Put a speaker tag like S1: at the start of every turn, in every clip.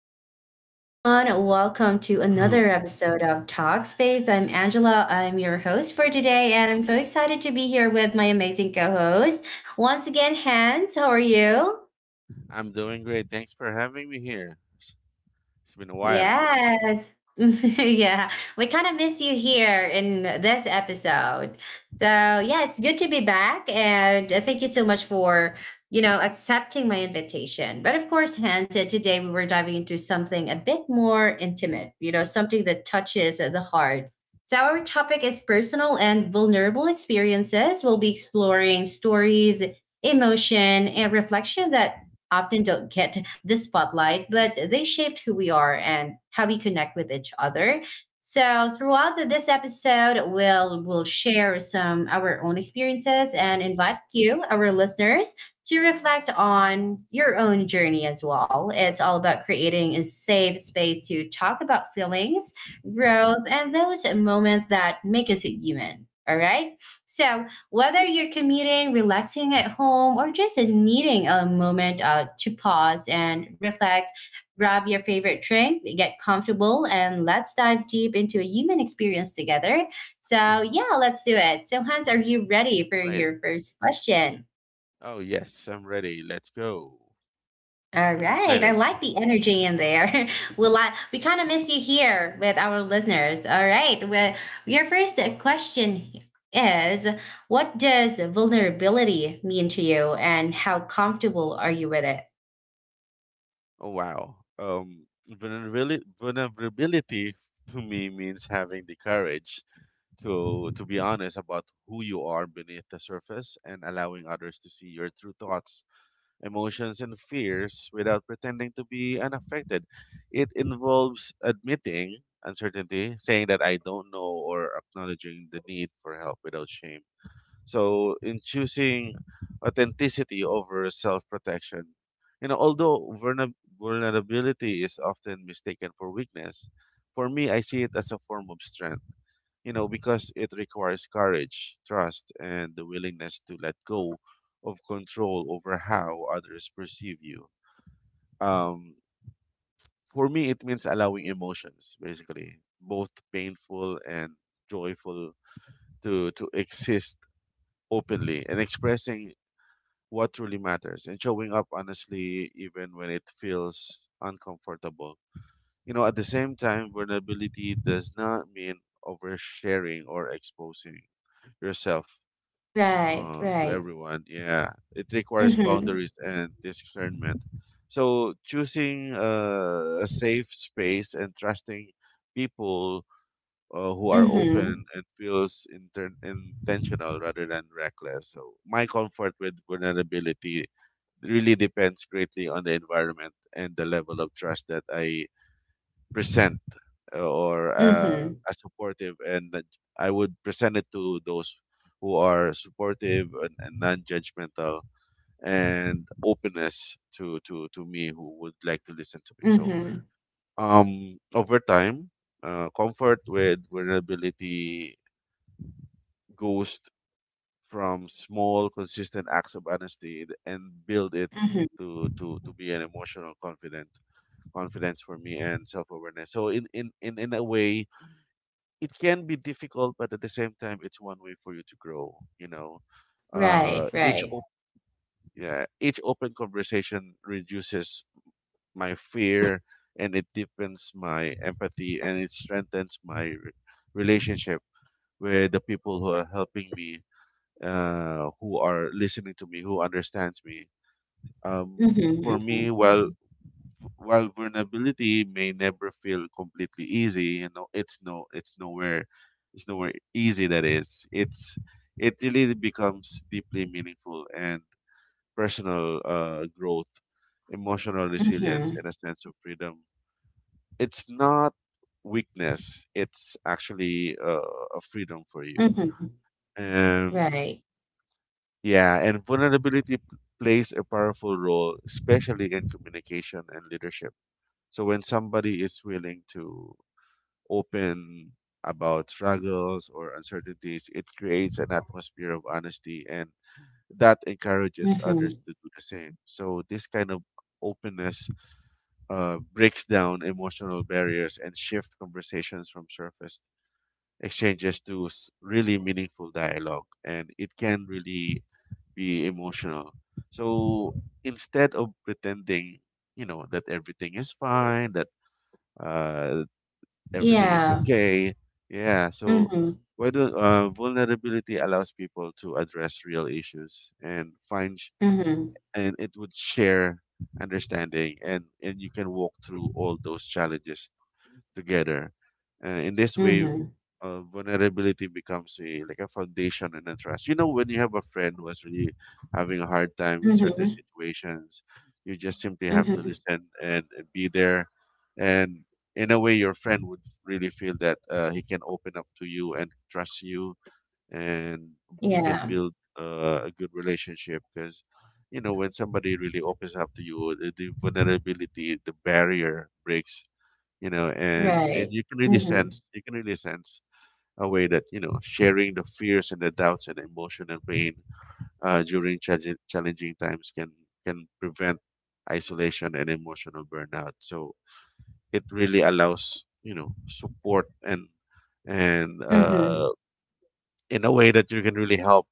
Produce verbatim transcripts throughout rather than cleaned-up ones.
S1: Hello, everyone. Welcome to another episode of Talkspace. I'm Angela. I'm your host for today, and I'm so excited to be here with my amazing co host. Once again, Hans, how are you?
S2: I'm doing great. Thanks for having me here. It's it's been a while.
S1: Yes. yeah. We kind of miss you here in this episode. So, yeah, it's good to be back. And uh, thank you so much for, you know, accepting my invitation. But of course, Hans, uh, today we were diving into something a bit more intimate, you know, something that touches uh, the heart. So, our topic is personal and vulnerable experiences. We'll be exploring stories, emotion, and reflection that often don't get the spotlight, but they shaped who we are and how we connect with each other. So throughout the- this episode, we'll we'll share some our own experiences and invite you, our listeners, to reflect on your own journey as well. It's all about creating a safe space to talk about feelings, growth, and those moments that make us human. All right. So whether you're commuting, relaxing at home, or just needing a moment uh, to pause and reflect, grab your favorite drink, get comfortable, and let's dive deep into a human experience together. So,
S2: Mhm.
S1: yeah, let's do it. So, Hans, are you ready for
S2: Great.
S1: your first question?
S2: Oh, yes, I'm ready. Let's go.
S1: All
S2: I'm
S1: right. I
S2: excited.
S1: like the energy in there. we'll li- we kind of miss you here with our listeners. All right. Well, your first question is, what does vulnerability mean to you and how comfortable are you with it?
S2: Oh, wow. Um, vulnerability, vulnerability to me means having the courage to to be honest about who you are beneath the surface and allowing others to see your true thoughts, emotions, and fears without pretending to be unaffected. It involves admitting uncertainty, saying that I don't know, or acknowledging the need for help without shame. So, in choosing authenticity over self protection, you know, although vulner- vulnerability is often mistaken for weakness, for me, I see it as a form of strength, you know, because it requires courage, trust, and the willingness to let go of control over how others perceive you. Um, for me, it means allowing emotions, basically, both painful and joyful, to, to exist openly, and expressing what truly matters and showing up honestly, even when it feels uncomfortable. You know, at the same time, vulnerability does not mean oversharing or exposing yourself
S1: Right,
S2: uh, to
S1: right.
S2: everyone. Yeah, it requires
S1: Mm-hmm.
S2: boundaries and discernment. So choosing uh, a safe space and trusting people uh, who are
S1: Mm-hmm.
S2: open and feels inter- intentional rather than reckless. So my comfort with vulnerability really depends greatly on the environment and the level of trust that I present, uh, or uh,
S1: Mm-hmm.
S2: as supportive, and that I would present it to those who are supportive and, and non-judgmental, and openness to, to to me who would like to listen to me. So
S1: Mm-hmm.
S2: um over time, uh, comfort with vulnerability goes from small consistent acts of honesty and build it
S1: Mm-hmm.
S2: to to to be an emotional confident confidence for me, and self-awareness. So in in in, in a way it can be difficult, but at the same time, it's one way for you to grow. You know, uh,
S1: Right,
S2: each
S1: right.
S2: op- yeah, each open conversation reduces my fear, and it deepens my empathy, and it strengthens my re- relationship with the people who are helping me, uh, who are listening to me, who understands me. Um,
S1: Mm-hmm.
S2: for me,
S1: Mm-hmm.
S2: while while vulnerability may never feel completely easy, you know, it's no, it's nowhere, it's nowhere easy. That is, it's it really becomes deeply meaningful, and personal uh, growth, emotional resilience,
S1: Mm-hmm.
S2: and a sense of freedom. It's not weakness; it's actually uh, a freedom for you.
S1: Mm-hmm.
S2: Um,
S1: Right.
S2: yeah, and vulnerability p- plays a powerful role, especially in communication and leadership. So when somebody is willing to open about struggles or uncertainties, it creates an atmosphere of honesty, and that encourages others
S1: Mm-hmm.
S2: to do the same. So this kind of openness uh, breaks down emotional barriers and shift conversations from surface exchanges to s- really meaningful dialogue, and it can really be emotional. So instead of pretending you know that everything is fine, that uh, everything is
S1: Yeah.
S2: okay. Yeah, so
S1: Mm-hmm.
S2: why don't uh, vulnerability allows people to address real issues and find sh-
S1: Mm-hmm.
S2: and it would share understanding, and and you can walk through all those challenges together. Uh, in this way,
S1: Mm-hmm.
S2: uh, vulnerability becomes a like a foundation and a trust. You know, when you have a friend who is really having a hard time in certain
S1: Mm-hmm.
S2: situations, you just simply have to
S1: Mm-hmm.
S2: listen, and be there. And in a way, your friend would really feel that uh, he can open up to you and trust you, and you can
S1: Yeah,
S2: build uh, a good relationship because. You know, when somebody really opens up to you, the the vulnerability, the barrier breaks. You know, and and
S1: right.
S2: you can really
S1: Mhm,
S2: sense, you can really sense a way that you know sharing the fears and the doubts and emotion and pain uh, during challenging challenging times can can prevent isolation and emotional burnout. So it really allows you know support and and uh,
S1: mhm,
S2: in a way that you can really help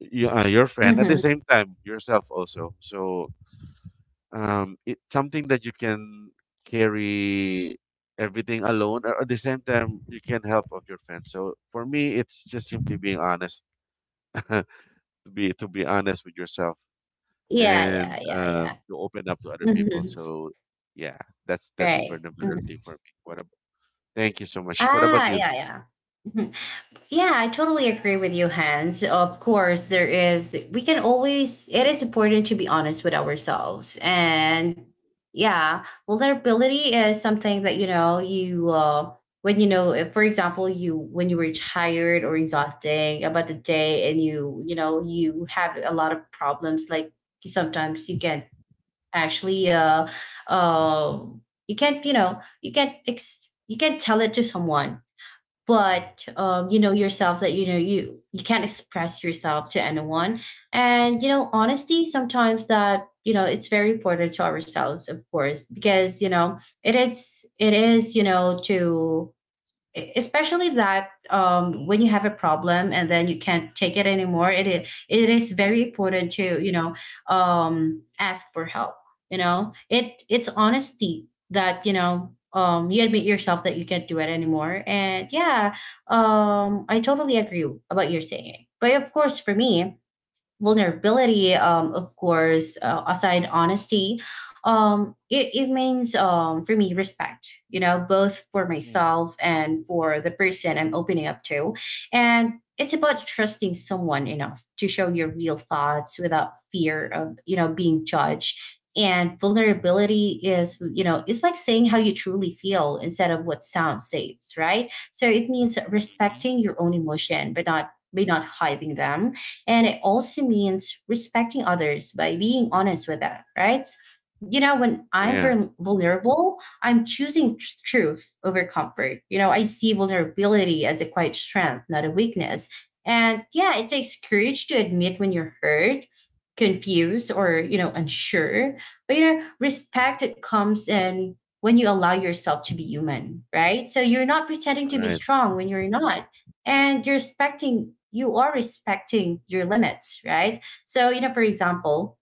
S2: you, uh, your friend, at the
S1: mhm.
S2: same time yourself also. So um, it's something that you can carry everything alone, or at the same time you can help of your friends. So for me it's just simply being honest to be to be honest with yourself
S1: Yeah,
S2: and
S1: yeah, yeah,
S2: um,
S1: yeah.
S2: to open up to other people.
S1: Mhm,
S2: So yeah, that's that's
S1: right. Mhm.
S2: vulnerability for me. What about, thank you so much. What about
S1: Ah,
S2: you?
S1: yeah, yeah. Mhm. Yeah, I totally agree with you, Hans. Of course, there is, we can always, it is important to be honest with ourselves. And yeah, vulnerability is something that, you know, you, uh, when you know, if, for example, you, when you were tired or exhausting about the day and you, you know, you have a lot of problems, like sometimes you can actually, uh, uh, you can't, you know, you can't, ex- you can't tell it to someone but um, you know yourself that you know you you can't express yourself to anyone, and you know honesty sometimes that you know it's very important to ourselves, of course, because you know it is, it is you know, to e- especially that um, when you have a problem and then you can't take it anymore, it is, it is very
S2: Mm,
S1: important to you know um, ask for help. You know, it it's honesty that you know um, you admit yourself that you can't do it anymore. And yeah, um, I totally agree about your saying, but of course for me vulnerability, um, of course, uh, aside honesty, um, it, it means, um, for me, respect, you know, both for
S2: mm,
S1: myself and for the person I'm opening up to. And it's about trusting someone enough to show your real thoughts without fear of, you know, being judged. And
S2: mhm,
S1: vulnerability is, you know, it's like saying how you truly feel instead of what sounds safe, right? So it means
S2: mhm,
S1: respecting your
S2: mhm,
S1: own emotion, but not but not hiding them. And it also means respecting others by being honest with that, right? You know, when I'm
S2: yeah,
S1: vul- vulnerable, I'm choosing tr- truth over comfort. You know, I see vulnerability as a quiet strength, not a weakness. And yeah, it takes courage to admit when you're hurt, confused, or, you know, unsure. But, you know,
S2: mhm,
S1: respect it comes in when you allow yourself to be human, right? So you're not pretending to be
S2: right.
S1: strong when you're not, and you're respecting. You are respecting your limits, right? So you know, for example,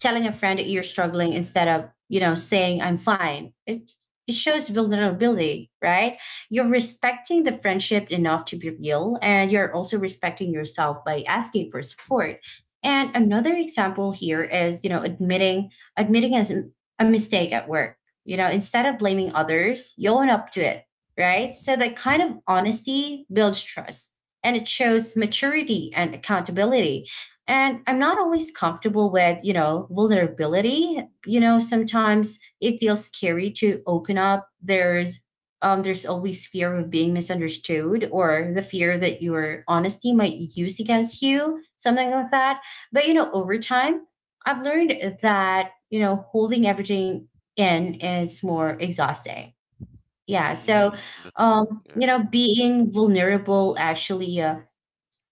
S1: telling a friend that you're struggling instead of, you know, saying I'm fine, it it shows vulnerability, right? You're respecting the
S2: Mhm,
S1: friendship enough to be real, and you're also respecting yourself by asking for support. And another example here is, you know, admitting, admitting as a mistake at work, you know, instead of blaming others, you own up to it, right? So that kind of honesty builds trust, and it shows maturity and accountability. And I'm not always comfortable with, you know, vulnerability. You know, sometimes it feels scary to open up. There's um, there's always fear of being misunderstood, or the fear that your honesty might use against you, something like that. But you know, over time, I've learned that, you know, holding everything in is more exhausting. Yeah. So
S2: mhm, that's true.
S1: um,
S2: Yeah,
S1: you know, being vulnerable actually uh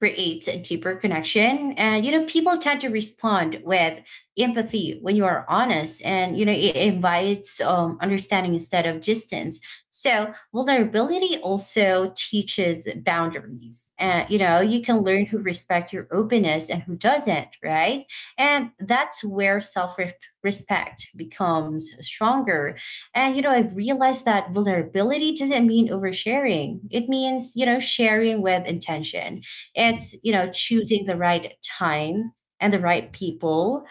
S1: creates a deeper connection. And, you know, people tend to respond with empathy when you are honest, and, you know, it invites um, understanding instead of distance. So vulnerability also teaches boundaries. And, you know, you can learn who respect your openness and who doesn't, right? And that's where self respect becomes stronger. And, you know, I've realized that vulnerability doesn't mean oversharing. It means, you know, sharing with intention. It's, you know, choosing the right time and the right people,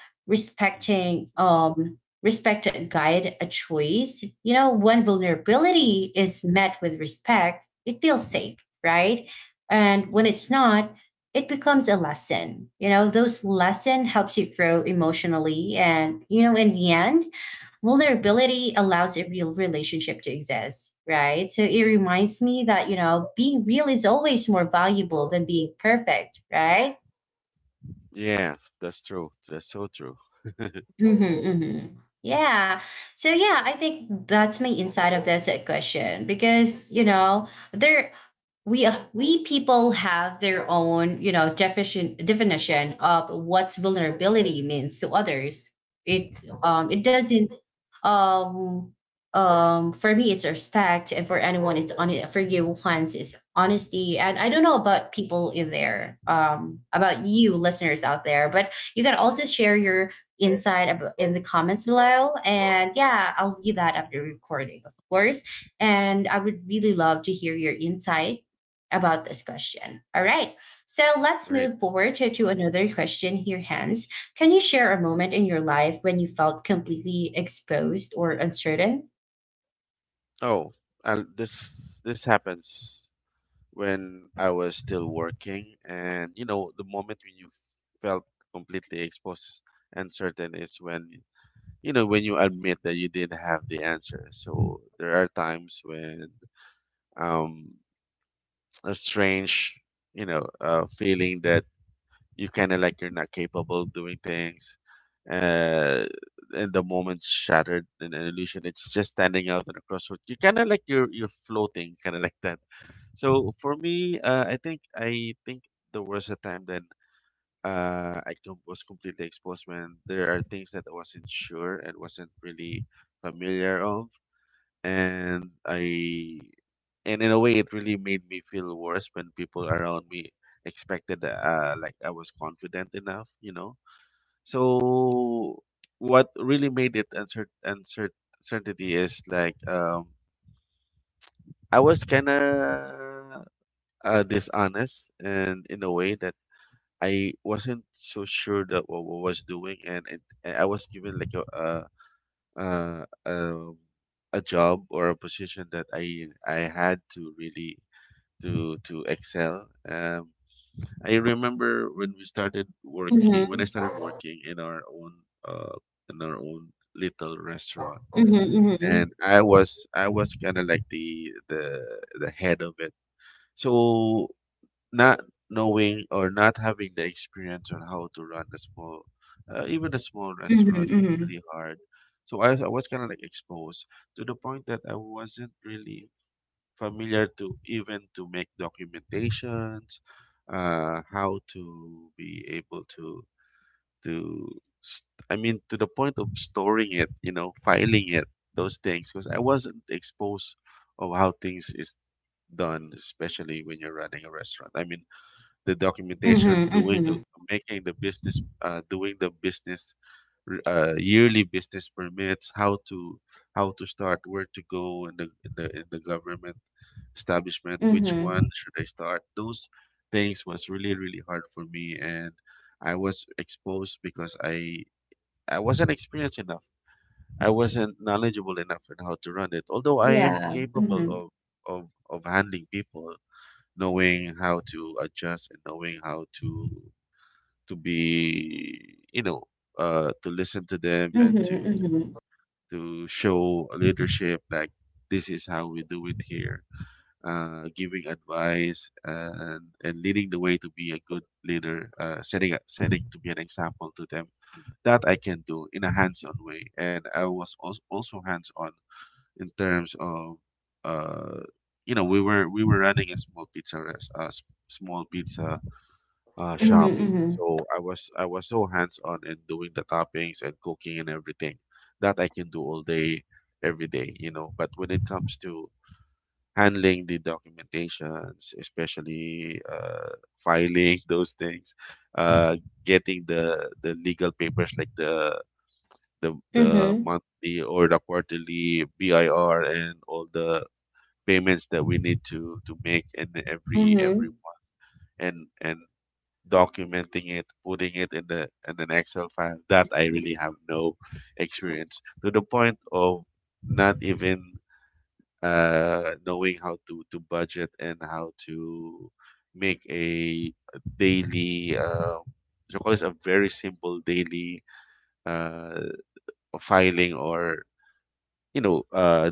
S2: mhm,
S1: respecting um respect a guide a choice. You know, when vulnerability is met with respect, it feels safe, right? And when
S2: mhm.
S1: it's not, it becomes a lesson. You know, those lesson helps you grow emotionally, and you know in the end vulnerability allows a real relationship to exist, right? So it reminds me that, you know, being real is always more valuable than being perfect, right?
S2: Yeah, that's true. That's so true.
S1: Mm-hmm, mm-hmm. Yeah. So, yeah, I think that's my insight of this uh, question because, you know, there we uh, we people have their own, you know, definition definition of what's vulnerability means to others. it um it doesn't um um for me it's respect, and for anyone it's on, for you Hans it's honesty. And I don't know about people in there, um about you listeners out there, but you can also share your insight ab- in the comments below, and yeah I'll read that after recording, of course. And I would really love to hear your insight about this question. All right. So let's
S2: Right.
S1: move forward to, to another question here, Hans. Can you share a moment in your life when you felt completely exposed or uncertain?
S2: Oh, uh, this this happens when I was still working, and you know, the moment when you felt completely exposed and certain is when you know when you admit that you didn't have the answer. So there are times when um a strange you know uh, feeling that you kind of like you're not capable of doing things, uh and the moment's shattered in an illusion. It's just standing out in a crossroad, you kind of like you're you're floating kind of like that. So for me uh i think i think there was a time then, uh i com- was completely exposed when there are things that I wasn't sure and wasn't really familiar of. And I and in a way, it really made me feel worse when people around me expected that, uh, like I was confident enough, you know. So what really made it uncer uncer- uncertainty is like, um, I was kind of uh, dishonest, and in a way that I wasn't so sure that what, what I was doing. And, it, and I was given like a, a uh, um, a job or a position that I I had to really to to excel. Um, I remember when we started working when I
S1: Mm-hmm.
S2: started working in our own uh, in our own little restaurant,
S1: Mm-hmm. Mm-hmm.
S2: and I was I was kind of like the the the head of it. So not knowing or not having the experience on how to run a small, uh, even a small restaurant is
S1: Mm-hmm.
S2: really hard. So I, I was kind of like exposed to the point that I wasn't really familiar to even to make documentations, uh, how to be able to to st- I mean, to the point of storing it, you know, filing it, those things, because I wasn't exposed of how things is done, especially when you're running a restaurant. I mean, the documentation,
S1: Mm-hmm.
S2: doing uh,
S1: Mm-hmm.
S2: making the business, uh, doing the business, r- uh, yearly business permits, how to how to start, where to go in the in the in the government establishment, which
S1: Mm-hmm.
S2: one should I start? Those things was really really hard for me, and I was exposed because I I wasn't experienced enough. I wasn't knowledgeable enough in how to run it. Although I am
S1: Yeah.
S2: capable
S1: Mm-hmm.
S2: of of of handling people, knowing how to adjust, and knowing how to to be you know uh to listen to them, and to
S1: Mm-hmm.
S2: to show leadership, like this is how we do it here, uh, giving advice and and leading the way to be a good leader, uh, setting a- setting to be an example to them, that I can do in a hands-on way. And I was als- also hands-on in terms of, uh you know we were we were running a small pizza res- a s- small pizza uh
S1: Mm-hmm.
S2: shop.
S1: Mm-hmm. Mm-hmm.
S2: So i was i was so hands on in doing the toppings and cooking and everything, that I can do all day every day, you know, but when it comes to handling the documentations, especially uh filing those things, uh getting the the legal papers, like the the the
S1: Mm-hmm.
S2: monthly or the quarterly B I R, and all the payments that we need to to make in every every
S1: Mm-hmm.
S2: month, and and documenting it, putting it in the in an excel file, that I really have no experience, to the point of not even uh knowing how to to budget, and how to make a daily, uh so call this a very simple daily uh filing, or you know uh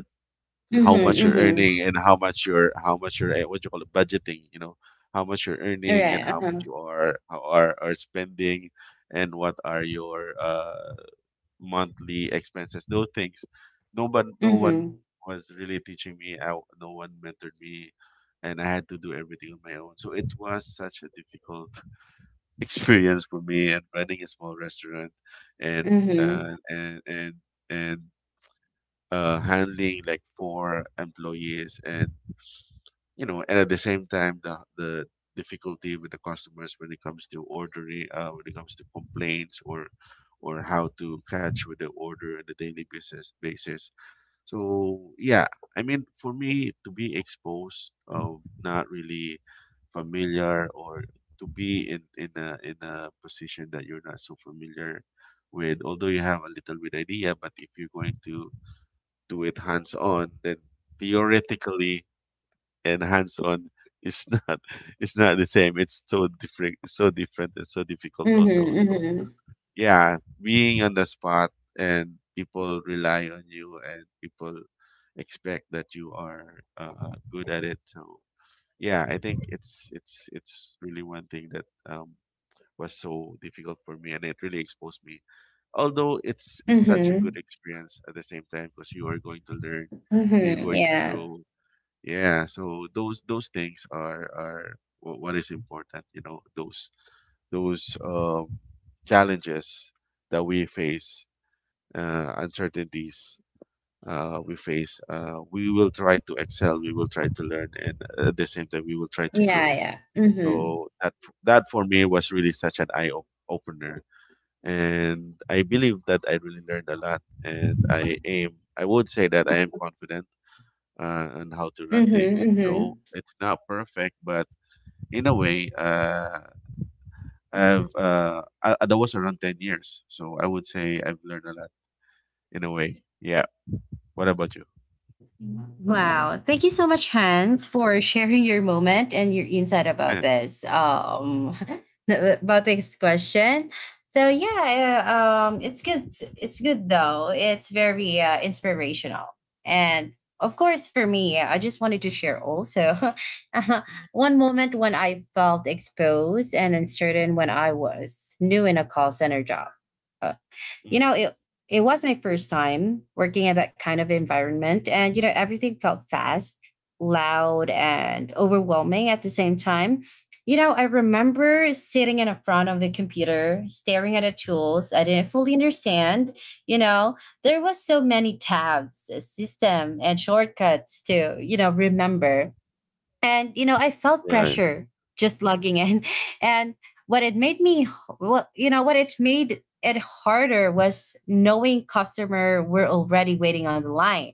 S1: Mm-hmm.
S2: how much you're
S1: Mm-hmm.
S2: earning, and how much you're how much you're eh, what you call it, budgeting, you know, how much you're
S1: All
S2: earning, and
S1: right.
S2: how much
S1: Uh-huh.
S2: you are, how are, are spending, and what are your uh, monthly expenses, those things. No, but no one
S1: Mm-hmm.
S2: was really teaching me. I, no one mentored me, and I had to do everything on my own. So it was such a difficult experience for me, and running a small restaurant, and
S1: Mm-hmm.
S2: uh, and and and uh, handling like four employees, and you know, and at the same time, the the difficulty with the customers when it comes to ordering, uh, when it comes to complaints, or or how to catch with the order on a daily basis basis. So yeah, I mean, for me to be exposed of not really familiar or to be in in a in a position that you're not so familiar with, although you have a little bit idea, but if you're going to do it hands on, then theoretically and hands on is not it's not the same. It's so different so different and so difficult also. So
S1: Mm-hmm.
S2: yeah, being on the spot and people rely on you and people expect that you are uh, good at it. So yeah, I think it's it's it's really one thing that um, was so difficult for me and it really exposed me, although it's
S1: Mm-hmm.
S2: such a
S1: Mm-hmm.
S2: good experience at the same time because you are going to learn, you're
S1: Mm-hmm.
S2: going to
S1: Yeah.
S2: grow, yeah, so those those things are are wh- what is important, you know, those those um, challenges that we face, uh, uncertainties uh, we face. Uh, we will try to excel. We will try to learn, and at the same time, we will try to
S1: Yeah.
S2: grow.
S1: Yeah. Mm-hmm.
S2: So that that for me was really such an eye op- opener, and I believe that I really learned a lot, and I am. I would say that I am confident uh, on how to run things.
S1: Mm-hmm,
S2: So it's not perfect, but in a way, uh, I've uh, I, I- that was around ten years, so I would say I've learned a lot in a way. Yeah. What about you?
S1: mm-hmm. Wow. Thank you so much, Hans, for sharing your moment and your insight about this. Um, about this question. So yeah, uh, um, it's good. It's good though. It's very uh, inspirational, and of course, for me, I just wanted to share also one moment when I felt exposed and uncertain when I was new in a call center job. Uh, you know, it it was my first time working in that kind of environment, and you know everything felt fast, loud, and overwhelming at the same time. You know, I remember sitting in front of the computer staring at the tools I didn't fully understand. You know, there was so many tabs, a system, and shortcuts to, you know, remember. And you know I felt
S2: Eh, Mm, right.
S1: pressure just logging in and what it made me what you know what it made it harder was knowing customer were already waiting on the line.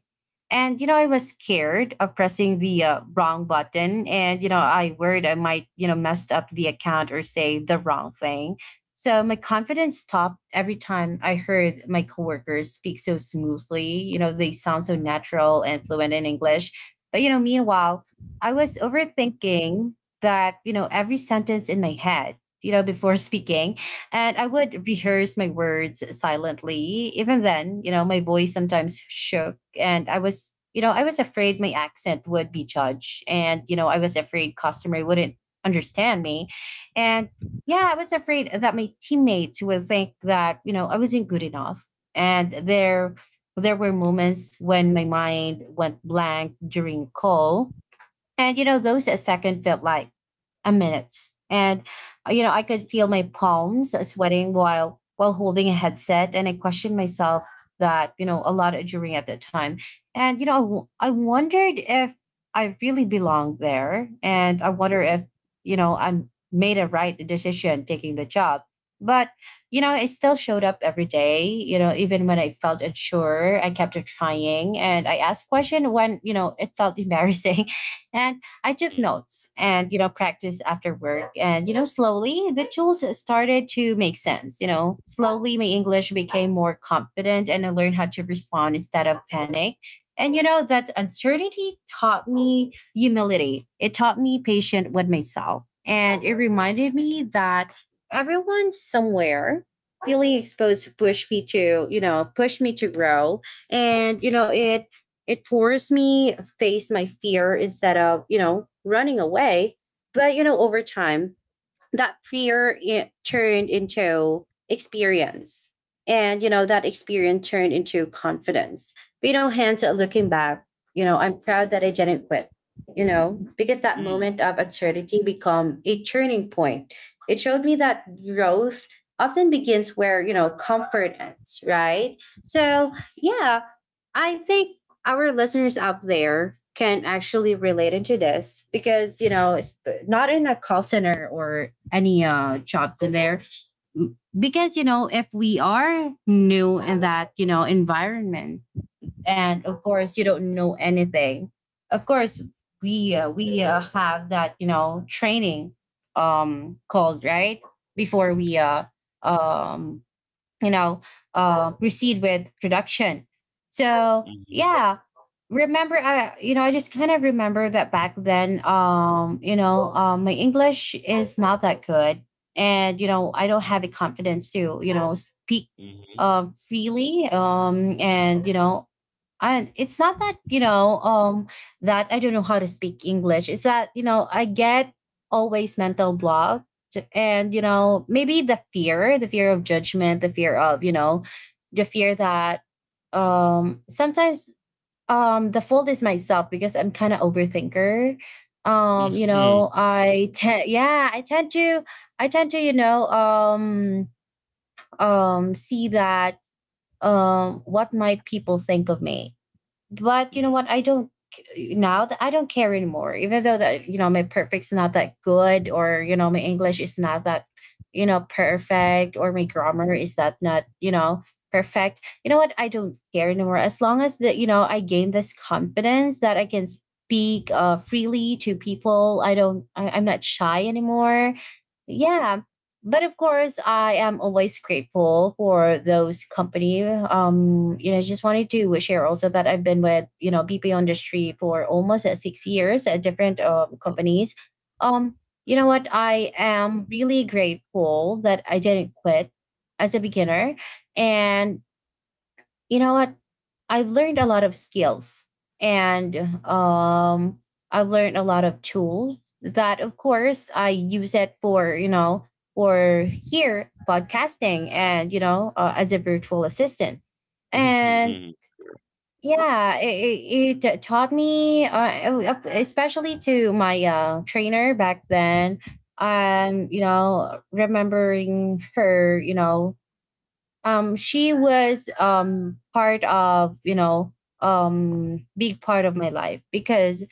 S1: And you know I was scared of pressing the uh, wrong button, and you know I worried I might, you know, messed up the account or say the wrong thing. So my confidence stopped every time I heard my coworkers speak so smoothly. You know, they sound so natural and fluent in English. But you know meanwhile I was overthinking that, you know, every sentence in my head, you know, before speaking.
S2: Mm,
S1: And I would rehearse my words silently. Even then, you know, my voice sometimes shook, and I was, you know, I was afraid my accent would be judged, and, you know, I was afraid customer wouldn't understand me. And yeah, I was afraid that my teammates would think that, you know, I wasn't good enough. And there there were moments when my mind went blank during call, and, you know, those a second felt like a minute. And, uh, you know, I could feel my palms sweating while while holding a headset. And I questioned myself that, you know, a lot during at that time. And, you know, I w- I wondered if I really belonged there. And I wonder if, you know, I made a right decision taking the job. But, you know, I still showed up every day. You know, even when I felt unsure, I kept on trying, and I asked question when, you know, it felt embarrassing. And I took
S2: mm,
S1: notes and, you know, practiced after work. And, you know, slowly the tools started to make sense. You know, slowly my English became more confident and I learned how to respond instead of panic. And, you know, that uncertainty taught me humility, it taught me patience with myself. And it reminded me that everyone somewhere feeling exposed pushed me to, you know, push me to grow. And, you know, it it forced me to face my fear instead of, you know, running away. But, you know, over time, that fear it turned into experience. And, you know, that experience turned into confidence. But, you know, hence looking back, you know, I'm proud that I didn't quit, you know, because that
S2: mm, mm,
S1: moment of uncertainty become a turning point. It showed me that growth often begins where, you know, comfort ends, right? So, yeah, I think our listeners out there can actually relate into this because you know it's not in a call center or any uh job in there, because you know if we are new in that you know environment, and of course you don't know anything. Of course we uh, we uh, have that you know training um called right before we uh um you know uh, proceed with production. So
S2: mm, mm,
S1: yeah, remember uh, you know I just kind of remember that back then, um you know um, my English is not that good. And you know i don't have the confidence to you know speak um freely um and you know And it's not that you know um that I don't know how to speak English. It's that you know I get always mental block. J- and you know Maybe the fear, the fear of judgment, the fear of you know the fear that um sometimes um the fault is myself because I'm kind of overthinker.
S2: mhm,
S1: um you
S2: mhm, mhm,
S1: know i tend, yeah, I tend to I tend to you know um um see that um what might people think of me. But you know
S2: mhm,
S1: what? I don't Now that I don't care anymore. Even though that you know my perfect's not that good, or you know my English is not that you know perfect, or my grammar is that not you know perfect. You know what? I don't care anymore. As long as that you know I gain this confidence that I can speak uh, freely to people. I don't. I, I'm not shy anymore. Yeah, but of course I am always grateful for those company. Um you know just wanted to share also that I've been with you know B P industry for almost uh, six years at different um,
S2: Uh,
S1: companies. Um you know what i am really grateful that I didn't quit as a beginner. And you know what? I've learned a lot of skills, and um, I've learned a lot of tools that, of course, I use it for, you know, for here podcasting and, you know, uh, as a virtual assistant.
S2: mhm,
S1: And
S2: mhm,
S1: yeah, it, it, it taught me, uh, especially to my uh, trainer back then. Um, you know, remembering her, you know, um she was um part of you know um big part of my life, because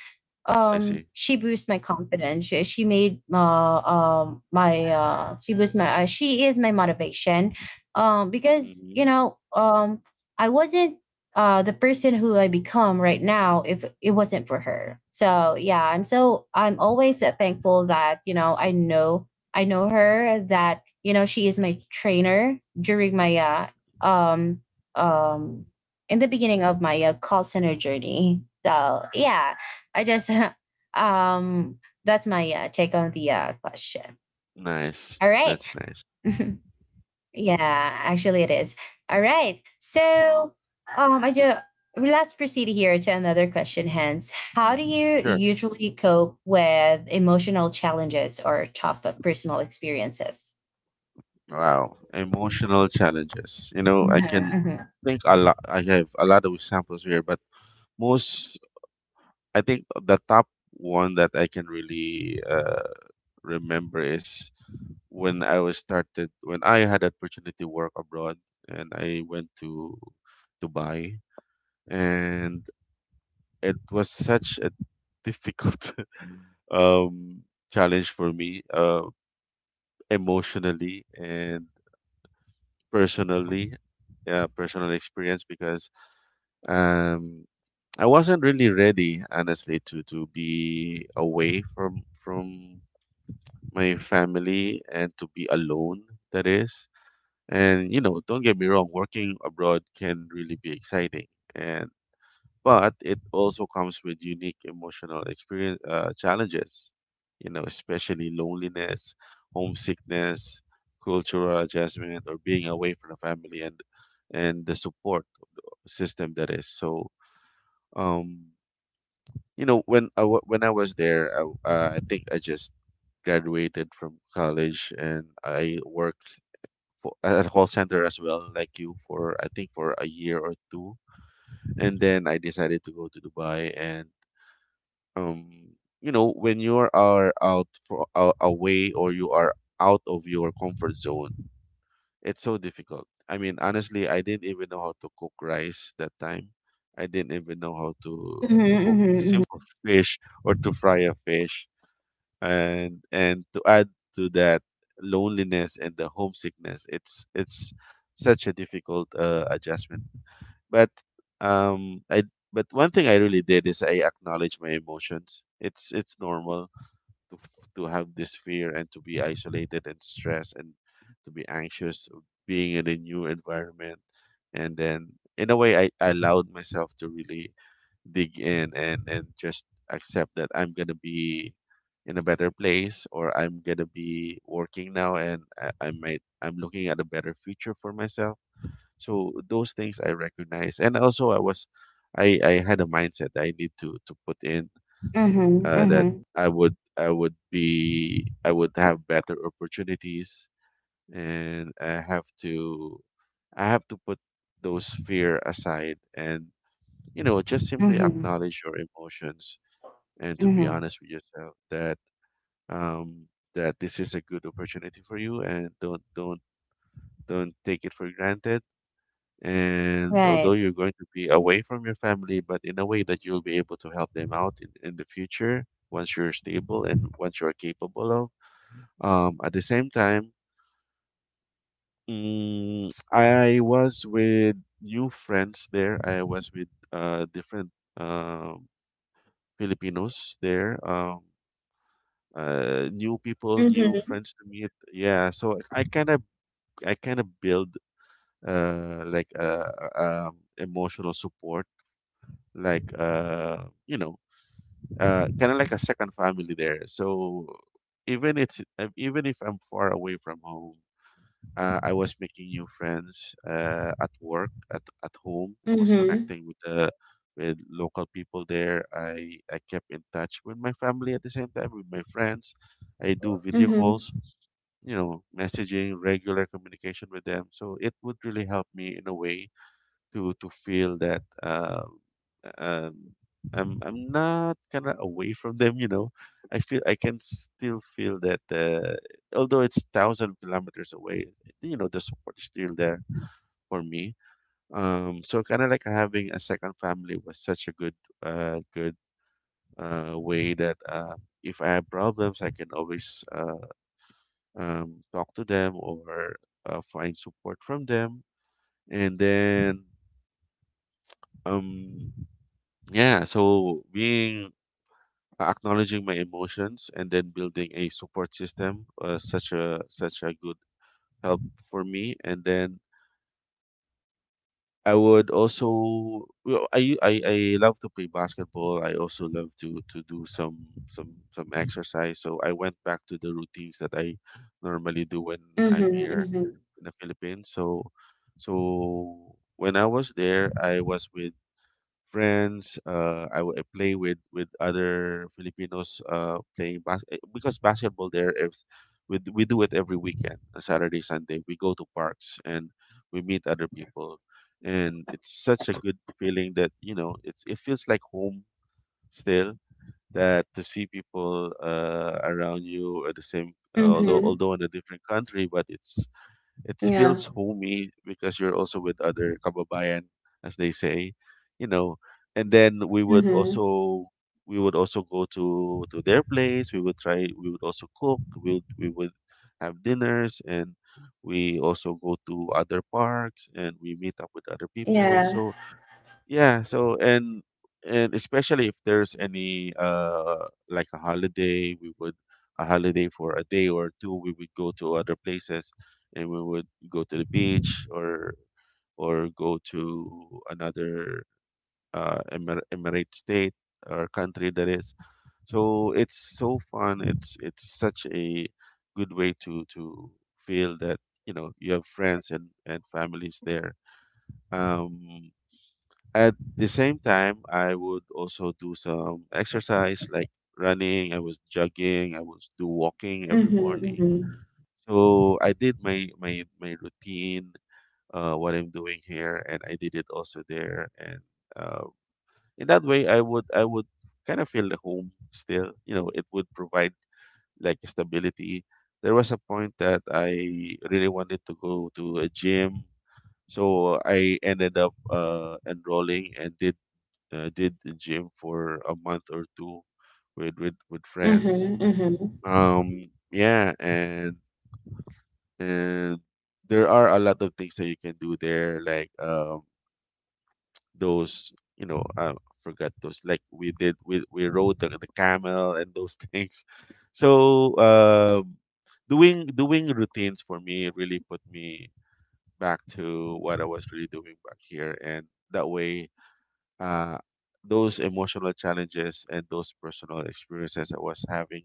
S2: I
S1: um
S2: see.
S1: she boosted my confidence. She, she made uh um my uh she was my uh, she is my motivation. um because you
S2: mhm,
S1: know um i wasn't uh the person who I become right now if it wasn't for her. So yeah, i'm so i'm always uh, thankful that you know i know I know her, that you know she is my trainer during my uh, um um in the beginning of my uh, call center journey. So yeah, I just um that's my uh, take on the uh, question.
S2: Nice.
S1: All right.
S2: That's nice.
S1: Yeah, actually it is. All right, so, um I just let's proceed here to another question. Hence, how do
S2: Mhm.
S1: you
S2: Sure.
S1: usually cope with emotional challenges or tough uh, personal experiences?
S2: Wow, emotional challenges. You know,
S1: Mhm,
S2: I can
S1: mhm.
S2: think a lot. I have a lot of examples here, but most, I think the top one that I can really uh, remember is when I was started, when I had opportunity to work abroad, and I went to Dubai, and it was such a difficult um challenge for me, uh, emotionally, and personally, yeah, personal experience because um I wasn't really ready, honestly, to to be away from from my family and to be alone, that is. And you know, don't get me wrong, working abroad can really be exciting, and but it also comes with unique emotional experience, uh, challenges, you know, especially loneliness, homesickness, cultural adjustment, or being away from the family and and the support system. That is so um you know, when i wa- when I was there, I, w- uh, I think I just graduated from college and I worked for, at a call center as well like you for I think for a year or two. And then I decided to go to Dubai and um you know, when you are out for uh, away, or you are out of your comfort zone, it's so difficult. I mean, honestly, I didn't even know how to cook rice that time. I didn't even know how to
S1: Mhm,
S2: to cook
S1: mhm,
S2: simple fish or to fry a fish. and and to add to that loneliness and the homesickness, it's it's such a difficult uh, adjustment. But um, I, but one thing I really did is I acknowledge my emotions. It's it's normal to f- to have this fear and to be isolated and stressed and to be anxious of being in a new environment. And then in a way, I, I allowed myself to really dig in and and just accept that I'm gonna be in a better place, or I'm gonna be working now, and I, I might I'm looking at a better future for myself. So those things I recognize, and also I was, I I had a mindset that I need to to put in
S1: mhm,
S2: uh, that
S1: mhm,
S2: I would I would be I would have better opportunities, and I have to I have to put those fear aside. And you know, just simply
S1: mhm,
S2: acknowledge your emotions and to be
S1: mhm.
S2: honest with yourself that um that this is a good opportunity for you, and don't don't don't take it for granted. And although
S1: Right.
S2: you're going to be away from your family, but in a way that you'll be able to help them out in, in the future once you're stable and once you're capable of. Um, at the same time, mm, I was with new friends there. I was with uh, different um Filipinos there. Um, uh, new people,
S1: Mm.
S2: new friends to meet. Yeah, so I kind of I kind of build uh like a, a um, emotional support like uh you know uh kind of like a second family there. So even it's uh, even if I'm far away from home, uh, I was making new friends uh at work, at at home. I was
S1: Mhm,
S2: connecting with the with local people there. i i kept in touch with my family at the same time with my friends. I do video
S1: mhm,
S2: calls, you know, messaging, regular communication with them. So it would really help me in a way to to feel that um, um, I'm I'm not kind of away from them. You know, I feel I can still feel that uh, although it's thousand kilometers away, you know, the support is still there for me. Um, so kind of like having a second family was such a good uh, good uh, way that uh, if I have problems, I can always uh, um, talk to them or uh, find support from them. And then um yeah, so being uh, acknowledging my emotions and then building a support system, uh, such a such a good help for me. And then I would also, well, I, I I love to play basketball. I also love to to do some some some exercise. So I went back to the routines that I normally do when I'm
S1: mhm,
S2: here
S1: mhm,
S2: in the Philippines. So so when I was there, I was with friends. Uh, I I, w- I play with with other Filipinos uh, playing bas- eh, because basketball there is we d- we do it every weekend, uh, Saturday, Sunday. We go to parks and we meet other people, and it's such a good feeling that you know it's it feels like home still. That to see people uh, around you at the same, although
S1: mhm.
S2: although in a different country, but it's it
S1: Yeah.
S2: feels homey because you're also with other kababayan, as they say, you know. And then we would
S1: Mhm.
S2: also we would also go to to their place. We would try. We would also cook. We would, we would have dinners, and we also go to other parks and we meet up with other people.
S1: Yeah.
S2: So yeah, so and and especially if there's any uh like a holiday, we would, a holiday for a day or two, we would go to other places and we would go to the beach or or go to another uh Emir Emirate state or country, that is. So it's so fun. It's it's such a good way to to feel that, you know, you have friends and and families there. Um, at the same time, I would also do some exercise like running, I was jogging, I was do walking every
S1: Mhm,
S2: morning.
S1: mhm,
S2: So I did my my my routine, uh, what I'm doing here, and I did it also there. And uh, in that way, I would I would kind of feel the home still. You know, it would provide like stability. There was a point that I really wanted to go to a gym, so I ended up uh, enrolling and did uh, did the gym for a month or two with with with friends.
S1: mhm,
S2: Um, yeah, and and there are a lot of things that you can do there, like um those, you know, I forgot those, like we did we we rode the, the camel and those things. So um, doing doing routines for me really put me back to what I was really doing back here, and that way uh, those emotional challenges and those personal experiences I was having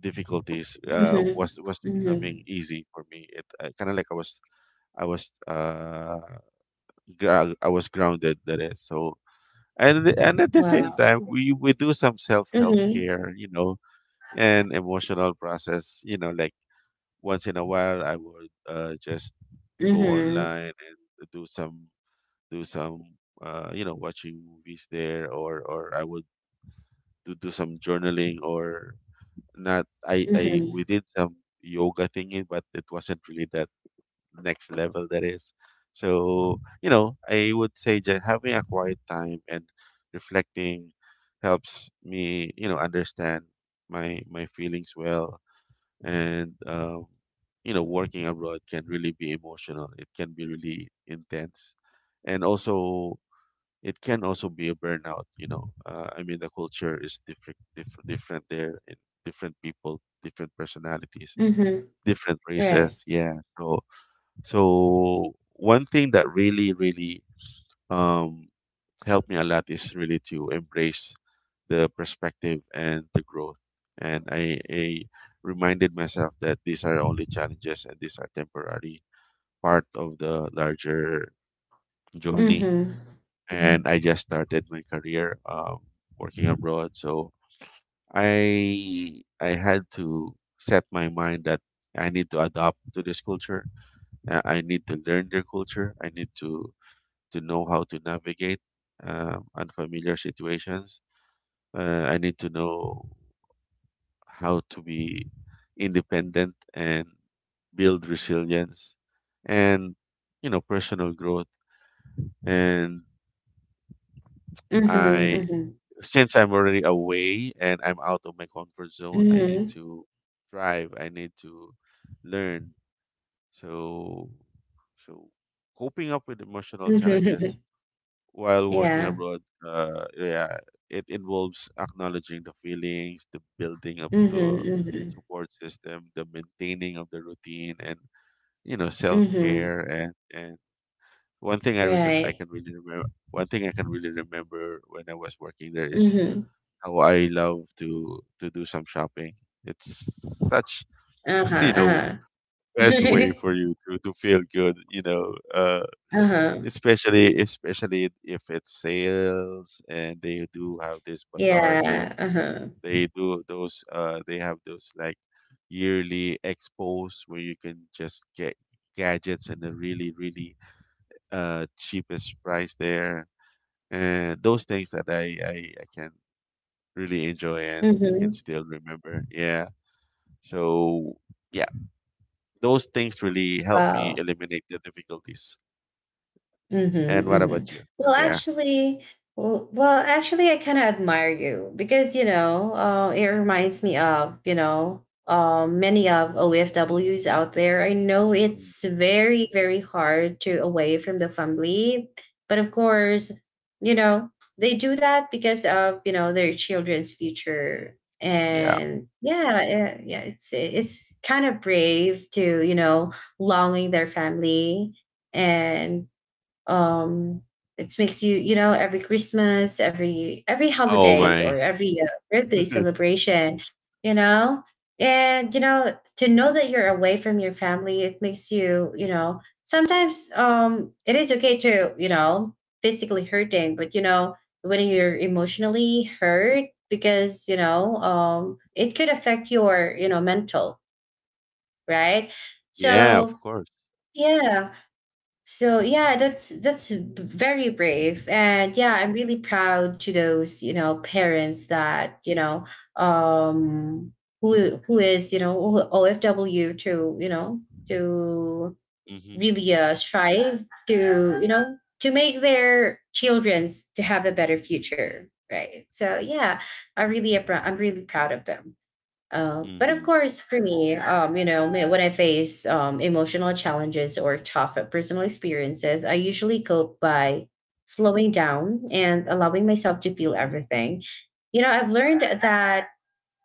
S2: difficulties uh,
S1: mhm,
S2: was was
S1: mhm,
S2: becoming
S1: mhm.
S2: easy for me. It uh, kind of like I was I was uh, gra- I was grounded, that is. So. And th- and at the same
S1: Wow.
S2: time, we we do some self help
S1: Mhm,
S2: care, you know, and emotional process. You know, like once in a while, I would uh, just go
S1: mhm,
S2: online and do some do some uh, you know, watching movies there or or I would to do some journaling or not. I I we
S1: mhm,
S2: did some yoga thingy, but it wasn't really that next level, that is. So you know, I would say just having a quiet time and reflecting helps me, you know, understand my my feelings well. And um, you know working abroad can really be emotional. It can be really intense, and also it can also be a burnout, you know uh, I mean the culture is different, diff- different there, and different people, different personalities,
S1: mhm.
S2: different
S1: Right.
S2: races. Yeah. So so one thing that really really um helped me a lot is really to embrace the perspective and the growth. And i, I reminded myself that these are only challenges and these are temporary, part of the larger journey.
S1: Mhm,
S2: And I just started my career, um, working abroad. So I I had to set my mind that I need to adapt to this culture. uh, I need to learn their culture. I need to to know how to navigate um, unfamiliar situations. Uh, I need to know how to be independent and build resilience, and you know personal growth. And
S1: mhm,
S2: I,
S1: mhm,
S2: since I'm already away and I'm out of my comfort zone, I need
S1: mhm,
S2: to thrive. I need to learn. So, so coping up with emotional
S1: mhm.
S2: challenges while working
S1: Yeah.
S2: abroad, uh, yeah, it involves acknowledging the feelings, the building of
S1: Mhm,
S2: the
S1: mhm,
S2: support system, the maintaining of the routine, and you know, self
S1: mhm.
S2: care. And and one thing I can I
S1: Right.
S2: can really remember. One thing I can really remember when I was working there is
S1: Mhm.
S2: how I love to to do some shopping. It's such,
S1: Uh-huh,
S2: you know
S1: uh-huh.
S2: best way for you to to feel good. You know, uh,
S1: Uh-huh.
S2: especially especially if it's sales, and they do have this bazaar sales.
S1: Yeah, uh-huh.
S2: They do those. Uh, they have those like yearly expos where you can just get gadgets and a really really uh cheapest price there. And those things that I, I I can really enjoy and I can
S1: Mhm.
S2: still remember. Yeah. So yeah, those things really help me
S1: Wow.
S2: eliminate the difficulties. And
S1: Mhm,
S2: what
S1: mhm.
S2: about you?
S1: Well,
S2: Yeah.
S1: actually, well, well, actually, I kind of admire you because you know, uh, it reminds me of you know, uh, many of O F Ws out there. I know
S2: Mhm.
S1: it's very, very hard to away from the family, but of course, you know, they do that because of you know their children's future.
S2: Yeah.
S1: And yeah, yeah, yeah, it's it's kind of brave to you know longing their family. And, um, it makes you, you know, every Christmas, every every
S2: Oh
S1: holidays, or
S2: my.
S1: every uh, birthday celebration, you know, and you know to know that you're away from your family, it makes you, you know, sometimes um it is okay to, you know, physically hurting. But you know when you're emotionally hurt, because you know um it could affect your you know mental. Right?
S2: Yeah, of
S1: So
S2: course.
S1: yeah, so yeah, that's that's very brave. And yeah, I'm really proud to those you know parents that you know um who who is you know O F W to you know to
S2: Mhm.
S1: really uh, strive to you know to make their childrens to have a better future, right? So yeah, I really appro- I'm really proud of them. Uh, but of
S2: Mhm.
S1: course, for me, um, you know, me- when I face um, emotional challenges or tough uh, personal experiences, I usually cope by slowing down and allowing myself to feel
S2: Mm.
S1: everything. You know, I've learned that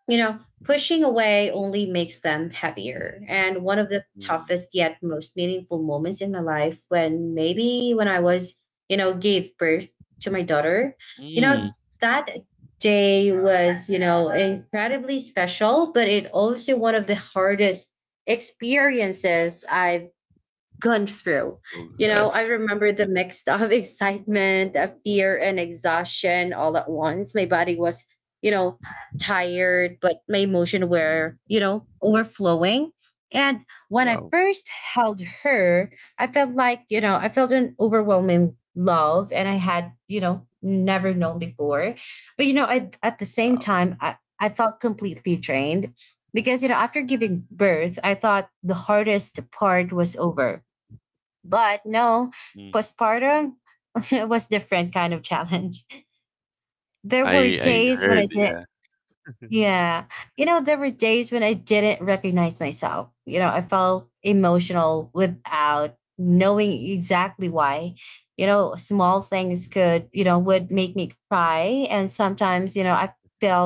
S1: you know, pushing away only makes them heavier. And one of the
S2: Mm.
S1: toughest yet most meaningful moments in my life, when maybe when I was, you know, gave birth to my daughter, you know,
S2: Mm.
S1: that day was, you know, incredibly special, but it also one of the hardest experiences I've gone through.
S2: Oh
S1: You know, I
S2: gosh.
S1: remember the mix of excitement, of fear, and exhaustion all at once. My body was, you know, tired, but my emotion
S2: Mm.
S1: were, you know, overflowing. And when I
S2: Wow.
S1: first held her, I felt like, you know, I felt an overwhelming love and I had, you know, never known before. But, you know, I, at the same
S2: Wow.
S1: time, I, I felt completely drained, because, you know, after giving birth, I thought the hardest part was over, but no,
S2: Mm.
S1: postpartum it was different kind of challenge. There were
S2: I I
S1: days when I
S2: heard.
S1: didn't
S2: Yeah.
S1: Yeah. You know, there were days when I didn't recognize myself. You know, I felt emotional without knowing exactly why. You know, small things could, you know, would make me cry. And sometimes, you know, I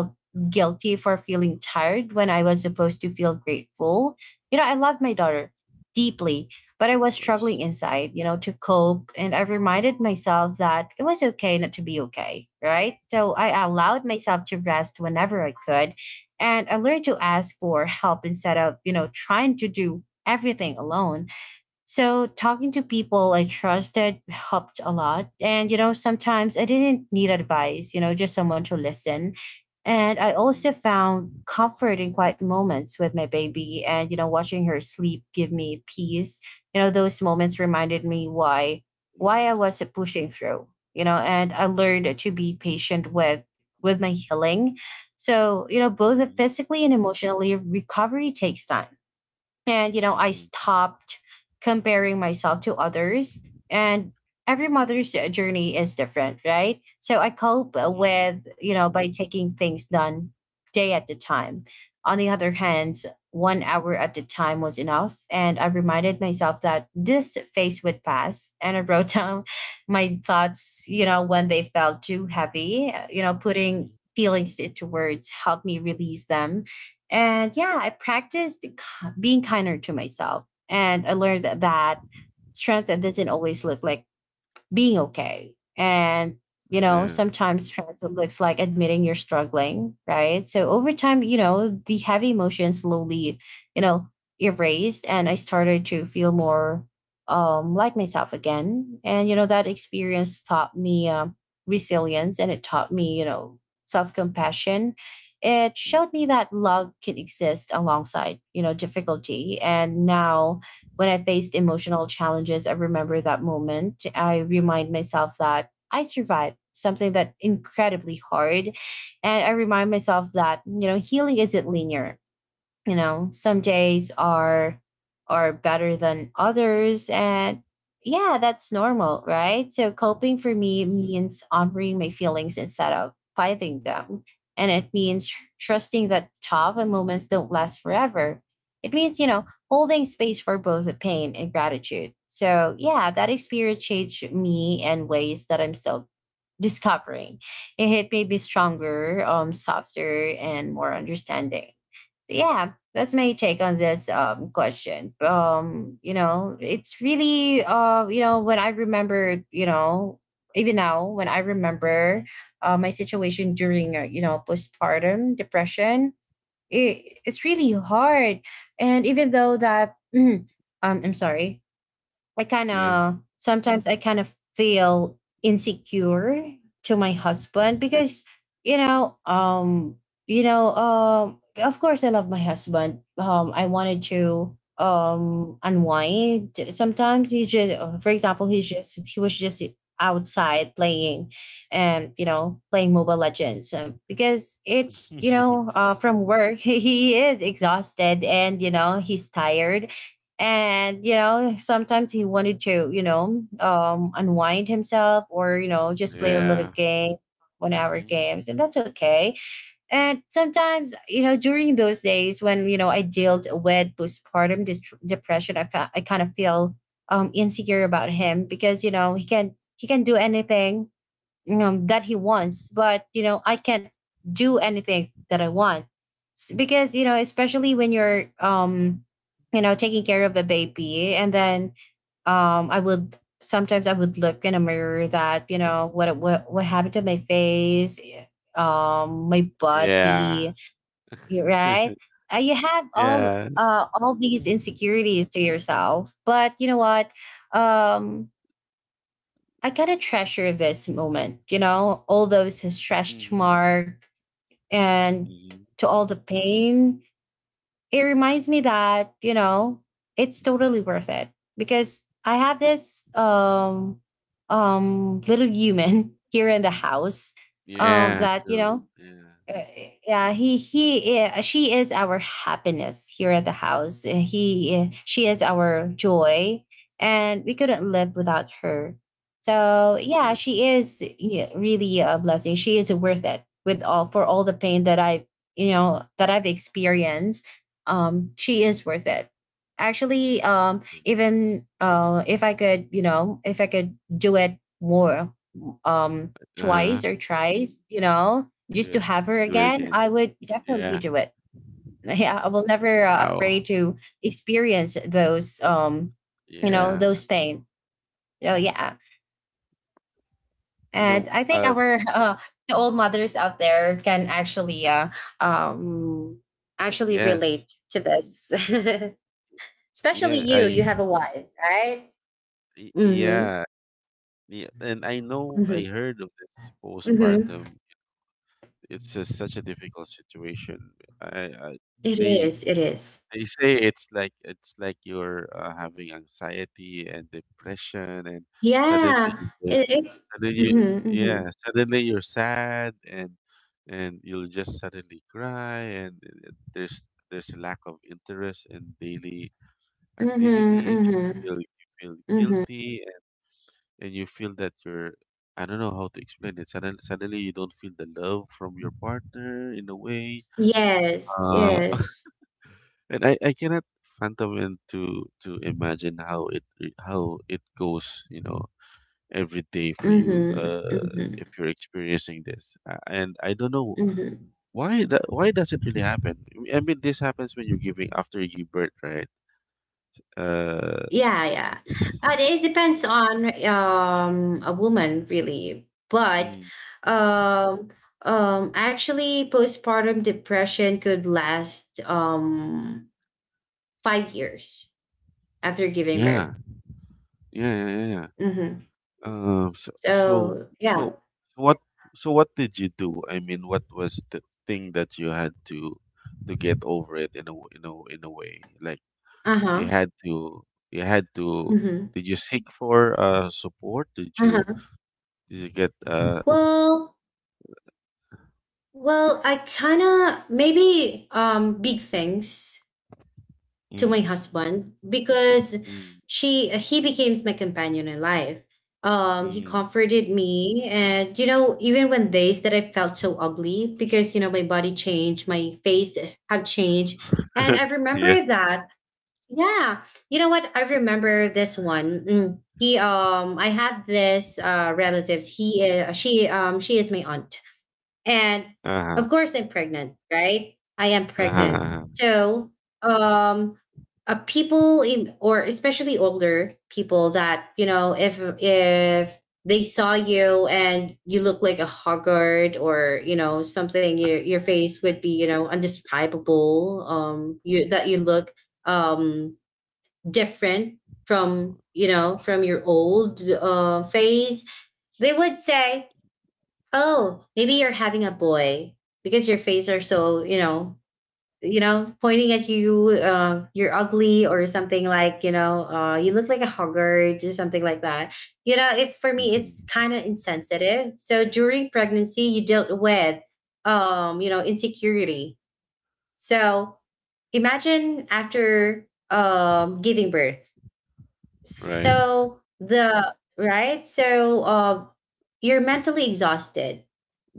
S2: Mm,
S1: guilty for feeling tired when I was supposed to feel grateful. You know, I love my daughter deeply, but I
S2: of
S1: was struggling
S2: course.
S1: inside, you know, to cope. And I reminded myself that it was okay not to be okay, right? So I allowed myself to rest whenever I could. And I learned to ask for help instead of, you know, trying to do everything alone. So talking to people I trusted helped a lot. And, you know, sometimes I didn't need advice, you know, just someone to listen. And I also
S2: Mm.
S1: found comfort in quiet moments with my baby and, you know, watching her sleep give me peace. You know, those moments reminded me why why I
S2: Mhm.
S1: was pushing through, you know, and I learned to be patient with with my healing. So, you know, both
S2: Mhm.
S1: physically and emotionally recovery takes time, and, you know, I
S2: Mhm.
S1: stopped comparing myself to others. And every mother's journey is different, right? So I cope
S2: Mhm.
S1: with, you know, by taking things done day at a time. On the other hand, one hour at a time was enough. And I reminded myself that this phase would pass. And I wrote down my thoughts, you know, when they felt too heavy. Uh, you know, putting
S2: Mhm.
S1: feelings into words helped me release them. And yeah, I practiced being kinder to myself. And I learned that that strength doesn't always look like being okay. And, you know,
S2: Yeah.
S1: sometimes struggle looks like admitting you're struggling, right? So over time, you know, the heavy emotions slowly, you know, erased, and I started to feel more um, like myself again. And, you know, that experience taught me um, resilience, and it taught me, you know, self compassion. It showed me
S2: Mhm.
S1: that love can exist alongside, you know, difficulty. And now when I faced emotional challenges, I remember that moment. I remind myself that I survived something that incredibly hard. And I remind myself that, you know, healing isn't linear. You know some days are are better than others, and yeah, that's normal, right? So coping for me
S2: Mhm.
S1: means honoring my feelings instead of fighting them, and it means trusting that tough moments don't last forever. It means you know holding space for both the pain and gratitude. So yeah, that experience changed me in ways that I'm still discovering. It hit may be
S2: Mhm.
S1: stronger, um, softer, and more understanding. So yeah, that's my take on this um, question. Um, you know, it's really uh, you know, when I remember, you know, even now when I remember uh, my situation during uh, you know postpartum depression, it, it's really hard. And even though that, um, I'm sorry, I kind
S2: Yeah.
S1: of sometimes I kind of feel insecure to my husband because you know um you know um of course I love my husband. um I wanted to um unwind. Sometimes he just
S2: Mhm.
S1: uh, for example he's just he was just outside playing and you know playing mobile legends, um, because it you know uh, from work he is exhausted, and you know he's tired, and you know sometimes he wanted to, you know, um unwind himself, or you know just play a little
S2: Yeah.
S1: game, one hour
S2: Mhm.
S1: games, and that's okay. And sometimes, you know, during those days when, you know, I dealt with postpartum dis- depression, I, fa- I kind of feel um insecure about him because you know he can he can do anything, um, that he wants, but you know I can't do anything that I want. S- because you know, especially when you're um you know taking care of a baby, and then um I would sometimes I would look in a mirror that you know what what, what happened to my face, um my
S2: Yeah.
S1: body. You're right, uh, you have all
S2: Yeah.
S1: uh all these insecurities to yourself, but you know what, um I gotta treasure this moment, you know, all those stretched
S2: Mhm.
S1: mark and
S2: Mhm.
S1: to all the pain. It reminds me that, you know, it's totally worth it because I have this um um little human here in the house, um
S2: Yeah,
S1: that, you
S2: true.
S1: know,
S2: Yeah.
S1: uh, yeah he he uh, she is our happiness here at the house. Uh, he uh, She is our joy and we couldn't live without her. So
S2: Of
S1: yeah,
S2: course.
S1: she is, yeah, really a blessing. She is worth it with all, for all the pain that I you know that I've experienced. Um she is worth it. Actually, um even uh if I could, you know, if I could do it more, um
S2: Uh
S1: twice
S2: huh.
S1: or thrice, you know,
S2: You
S1: just
S2: do
S1: to
S2: it.
S1: have
S2: You
S1: her
S2: can do it
S1: again,
S2: again.
S1: I would definitely
S2: Yeah.
S1: do it. Yeah, I will never uh, afraid
S2: Wow.
S1: to experience those, um, you know,
S2: Yeah.
S1: those pain. So yeah,
S2: You know.
S1: and I think
S2: Uh.
S1: our uh, the old mothers out there can actually uh, um, actually relate
S2: Yes.
S1: to this, especially
S2: Yeah.
S1: you. You
S2: I
S1: have a wife, right?
S2: Y-
S1: Mm-hmm.
S2: Yeah, yeah, and I know
S1: Mm-hmm.
S2: I heard of this
S1: Mm-hmm.
S2: postpartum. It's just such a difficult situation. I, I
S1: It
S2: they
S1: is. It is.
S2: they say it's like it's like you're uh, having anxiety and depression, and suddenly
S1: Yeah.
S2: you don't-
S1: It, it's.
S2: suddenly you
S1: Mm-hmm,
S2: yeah
S1: mm-hmm.
S2: suddenly you're sad, and and you'll just suddenly cry. And uh, there's there's a lack of interest in daily
S1: Mhm,
S2: activities.
S1: mhm,
S2: You feel you feel
S1: mhm.
S2: guilty, and you feel that you're— I don't know how to explain it. Suddenly, suddenly you don't feel the love from your partner in a way.
S1: Yes,
S2: Uh,
S1: yes.
S2: and I, I cannot fathom and to to imagine how it how it goes. You know, every day for you.
S1: Mhm,
S2: Uh, if
S1: mhm,
S2: you're experiencing this. Uh, and I don't know
S1: mhm.
S2: why that why does it really happen. I mean, this happens when you're giving after you give birth, right? Uh,
S1: Yeah, yeah. But it depends on um a woman really. But
S2: mm,
S1: um um actually postpartum depression could last um five years after giving
S2: yeah,
S1: birth.
S2: yeah, yeah, yeah.
S1: Mhm.
S2: Um. So so
S1: So, yeah.
S2: so what so what did you do? I mean, what was the thing that you had to to get over it in a w- in a w- in a way? Like,
S1: Uh-huh.
S2: you had to you had to.
S1: Mhm.
S2: Did you seek for uh support? Did you
S1: Uh-huh.
S2: did you get uh?
S1: Well, well, I kind of maybe um big things to
S2: Mm.
S1: my husband because
S2: Mm.
S1: she he became my companion in life. Um, he
S2: Mm.
S1: comforted me, and you know, even when days that I felt so ugly because you know my body changed, my face have changed, and I
S2: Yeah.
S1: remember that. Yeah, you know what? I remember this one. Mm, He um, I have this uh relatives. He uh, She um she is my aunt, and
S2: Uh huh.
S1: of course, I'm pregnant, right? I am
S2: Uh huh.
S1: pregnant.
S2: Uh-huh.
S1: So, um, uh, people in, or especially older people that, you know, if, if they saw you and you look like a haggard or, you know, something, your, your face would be, you know, undescribable, um, you, that you look, um, different from, you know, from your old, uh, face, they would say, oh, maybe you're having a boy because your face are so, you know, you know, pointing at you, uh, you're ugly or something like, you know, uh, you look like a huggard or something like that. You know, if for me,
S2: Mhm.
S1: it's kind of insensitive. So during pregnancy, you dealt with, um, you know, insecurity. So imagine after um, giving birth.
S2: Right.
S1: So the, right? So uh, you're mentally exhausted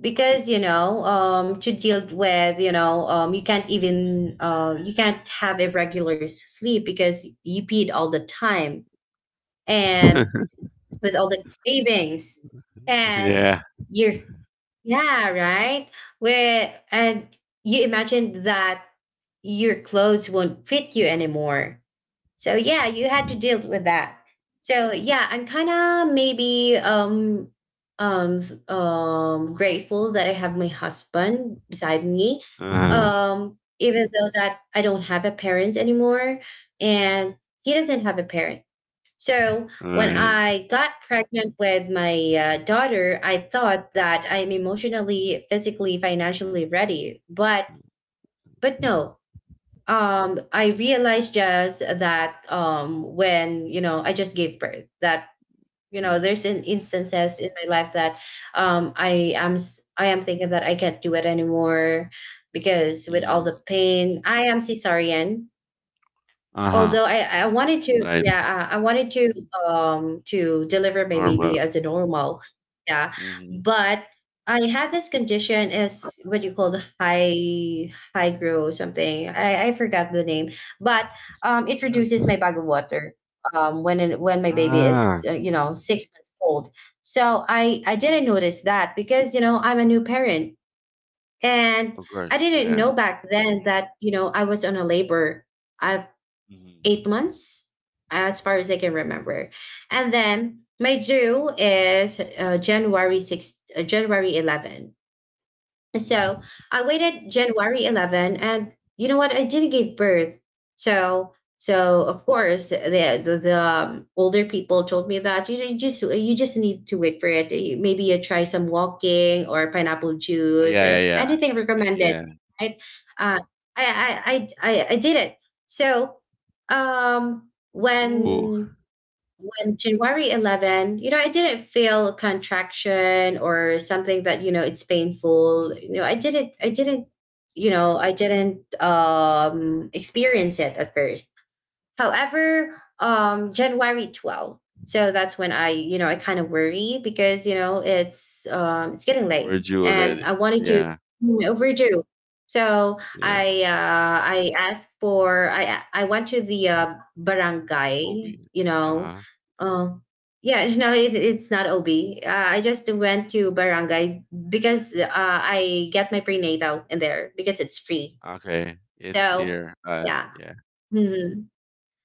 S1: because you know, um, to deal with, you know, um, you can't even uh, you can't have a regular s- sleep because you peed all the time, and with all the cravings, and
S2: Yeah.
S1: you're yeah right where and you imagine that your clothes won't fit you anymore. So yeah, you had to
S2: Mm.
S1: deal with that. So yeah, I'm kind of maybe um um s- um grateful that I have my husband beside me.
S2: Uh huh.
S1: Um even though that I don't have a parent anymore, and he doesn't have a parent. So when
S2: Right.
S1: I got pregnant with my uh, daughter, I thought that I'm emotionally, physically, financially ready, but but no, um i realized just that um when you know I just gave birth that you know
S2: Mm.
S1: there's an instances in my life that um i am s- I am thinking that I can't do it anymore because with all the
S2: Mm.
S1: pain I am cesarean.
S2: Uh huh.
S1: Although I I wanted to,
S2: Right.
S1: yeah, I I wanted to, um, to deliver my
S2: Normal.
S1: baby as a normal. Yeah.
S2: Hmm.
S1: But I had this condition as what you call the high high grow something. I I forgot the name, but, um, it reduces my bag of water, um, when it when my baby is,
S2: Ah.
S1: uh, you know, six months old. So I I
S2: Mm.
S1: didn't notice that because, you know, I'm a new parent, and
S2: Of
S1: I
S2: course,
S1: didn't
S2: yeah.
S1: know back then that, you know, I was on a labor. I
S2: Mm-hmm.
S1: eight months, as far as I can remember. And then my due is uh, January sixth, uh, January eleventh. So
S2: Mm.
S1: I waited January eleventh, and you know what? I didn't give birth. So so of course the the, the um, older people told me that you, you just you just need to wait for it. You— maybe you try some walking or pineapple
S2: Oh, yeah,
S1: juice,
S2: yeah,
S1: uh,
S2: yeah.
S1: anything
S2: Y-
S1: recommended,
S2: yeah.
S1: right? Uh, I, I I I I did it. So um
S2: Ooh.
S1: when when January eleventh, you know, I didn't feel contraction or something that, you know, it's painful. You
S2: Mm-hmm.
S1: know, I didn't, I
S2: Mm-hmm.
S1: didn't, you know, I didn't um, experience it at first. However, um, January twelfth. So that's when I, you know, I kind of worry because you know it's um, it's getting late,
S2: Overdue
S1: and I
S2: already.
S1: wanted to—
S2: Yeah,
S1: mm, overdue. So
S2: yeah.
S1: I uh, I asked for I I went to the uh,
S2: Obi.
S1: barangay, you
S2: Uh
S1: know,
S2: huh.
S1: um, yeah, no, it, it's not O B. Uh, I just went to barangay because uh, I get my prenatal in there because it's free.
S2: Okay, it's
S1: So
S2: near us.
S1: yeah.
S2: Yeah.
S1: Mm-hmm.